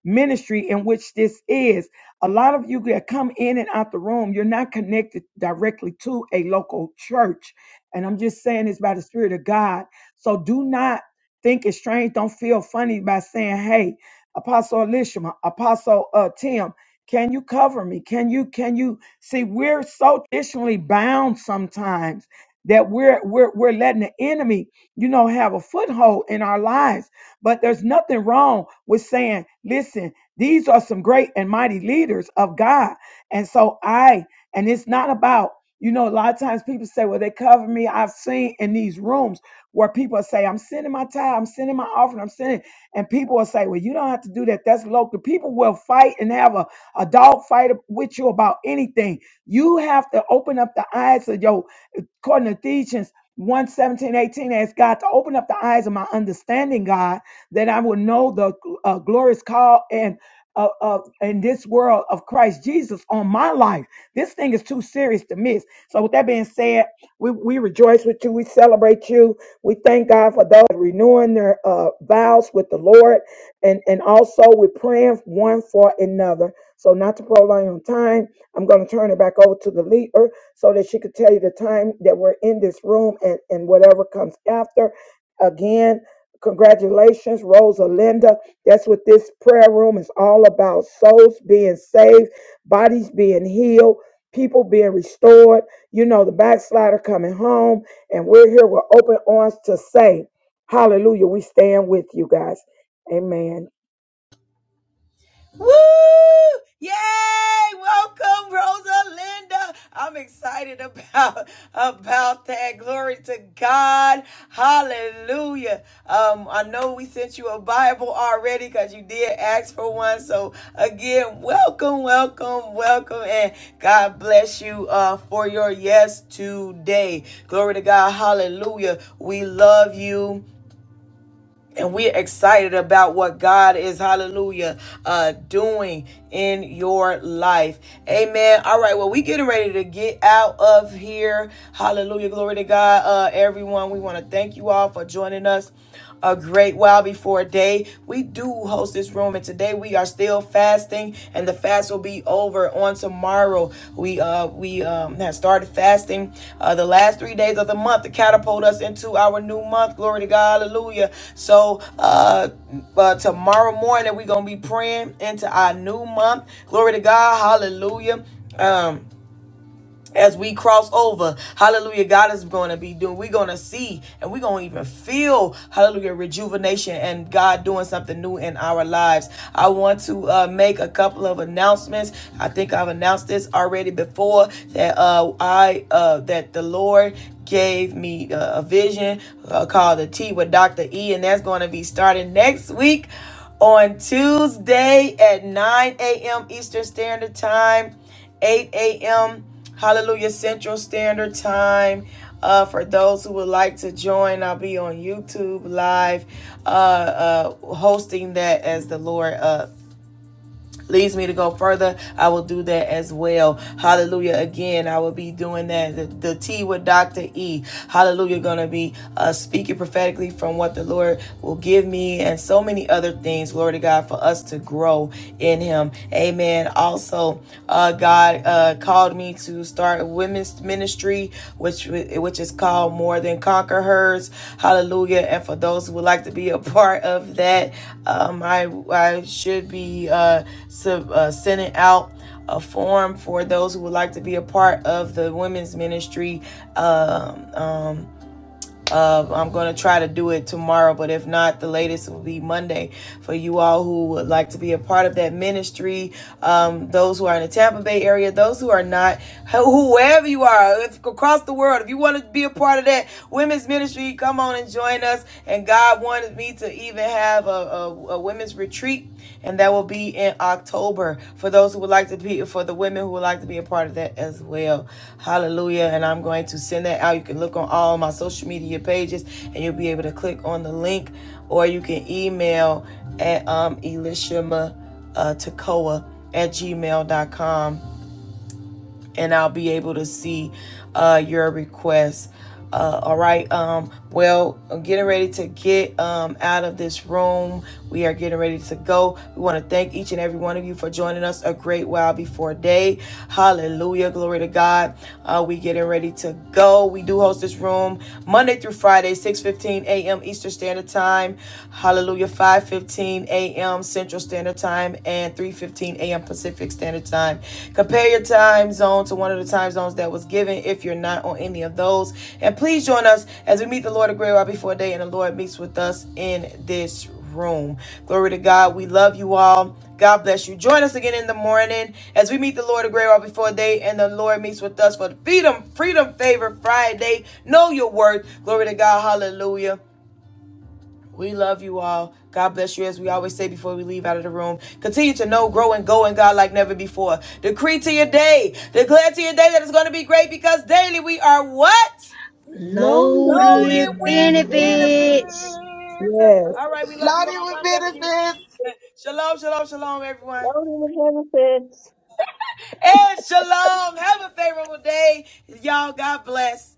C: ministry in which this is. A lot of you that come in and out the room, you're not connected directly to a local church. And I'm just saying this by the Spirit of God. So do not think it's strange. Don't feel funny by saying, hey, Apostle Elishama, Apostle uh, Tim, can you cover me? Can you, can you see we're so traditionally bound sometimes that we're we're we're letting the enemy you know, have a foothold in our lives. But there's nothing wrong with saying, listen, these are some great and mighty leaders of God. And so I, and it's not about, you know, a lot of times people say, well, they cover me. I've seen in these rooms where people say, I'm sending my tithe, I'm sending my offering, I'm sending. And people will say, well, you don't have to do that. That's local. People will fight and have a, a dog fight with you about anything. You have to open up the eyes of your, according to Ephesians one, seventeen, eighteen. 18 ask god to open up the eyes of my understanding god that i will know the uh, glorious call and uh, uh, in this world of christ jesus on my life this thing is too serious to miss so with that being said we, we rejoice with you we celebrate you we thank god for those renewing their uh, vows with the lord and and also we're praying one for another so not to prolong on time i'm going to turn it back over to the leader so that she could tell you the time that we're in this room and, and whatever comes after. Again, congratulations, Rosa Linda. That's what this prayer room is all about souls being saved, bodies being healed, people being restored. You know, the backslider coming home, and we're here with open arms to say, Hallelujah, we stand with you guys. Amen.
A: Woo! Yay! Welcome, Rosa Linda. I'm excited about about that. Glory to God. Hallelujah. Um, I know we sent you a Bible already because you did ask for one. So again, welcome, welcome, welcome, and God bless you uh, for your yes today. Glory to God. Hallelujah. We love you and we're excited about what God is, hallelujah, uh, doing in your life. Amen. All right, well, we getting ready to get out of here. Hallelujah. Glory to God, uh, everyone. We want to thank you all for joining us a great while before day. We do host this room, and today we are still fasting, and the fast will be over on tomorrow. We uh we um have started fasting uh the last three days of the month to catapult us into our new month. Glory to God, hallelujah. So uh, uh tomorrow morning we're gonna be praying into our new month. Glory to God, hallelujah. Um as we cross over hallelujah god is going to be doing we're going to see and we're going to even feel hallelujah rejuvenation and god doing something new in our lives i want to uh, make a couple of announcements i think i've announced this already before that uh, i uh, that the lord gave me uh, a vision uh, called the tea with dr e and that's going to be starting next week on tuesday at 9 a.m eastern standard time 8 a.m. Hallelujah Central Standard Time. Uh, for those who would like to join, I'll be on YouTube live, uh, uh, hosting that as the Lord uh, leads me to go further, I will do that as well. Hallelujah. Again, I will be doing that. The, the T with Dr. E. Hallelujah. Going to be uh, speaking prophetically from what the Lord will give me and so many other things. Glory to God for us to grow in Him. Amen. Also, uh, God uh, called me to start a women's ministry, which which is called More Than Conquer Hers. Hallelujah. And for those who would like to be a part of that, um, I I should be. Uh, uh, sending out a form for those who would like to be a part of the women's ministry. Um, um, uh, I'm going to try to do it tomorrow, but if not, the latest will be Monday for you all who would like to be a part of that ministry. Um, those who are in the Tampa Bay area, those who are not, whoever you are if, across the world, if you want to be a part of that women's ministry, come on and join us. And God wanted me to even have a, a, a women's women's retreat, and that will be in October. For those who would like to be, for the women who would like to be a part of that as well. Hallelujah. And I'm going to send that out. You can look on all my social media pages, and you'll be able to click on the link, or you can email at um, Elishama uh, Tekoa at gmail.com and I'll be able to see uh, your request. Uh, all right. Um, well, I'm getting ready to get um, out of this room. We are getting ready to go. We want to thank each and every one of you for joining us a great while before day. Hallelujah. Glory to God. Uh, we getting ready to go. We do host this room Monday through Friday, 6:15 a.m. Eastern Standard Time. Hallelujah. 5:15 a.m. Central Standard. Standard Time and 3:15 a.m. Pacific Standard Time. Compare your time zone to one of the time zones that was given if you're not on any of those. And please join us as we meet the Lord a great while before day and the Lord meets with us in this room. Glory to God. We love you all. God bless you. Join us again in the morning as we meet the Lord a great while before day and the Lord meets with us for the Freedom Freedom Favor Friday. Know your worth. Glory to God. Hallelujah. We love you all. God bless you as we always say before we leave out of the room. Continue to know, grow, and go in God like never before. Decree to your day. Declare to your day that it's going to be great because daily we are what?
C: Loaded.
E: Loaded
A: Loaded
E: with
A: with
E: benefits.
A: benefits.
C: Yes.
A: All right, we love you
B: Loaded
A: all.
B: with
A: God bless you.
B: benefits.
A: Shalom, shalom, shalom, everyone.
F: Loaded with benefits.
A: And shalom. Have a favorable day. Y'all, God bless.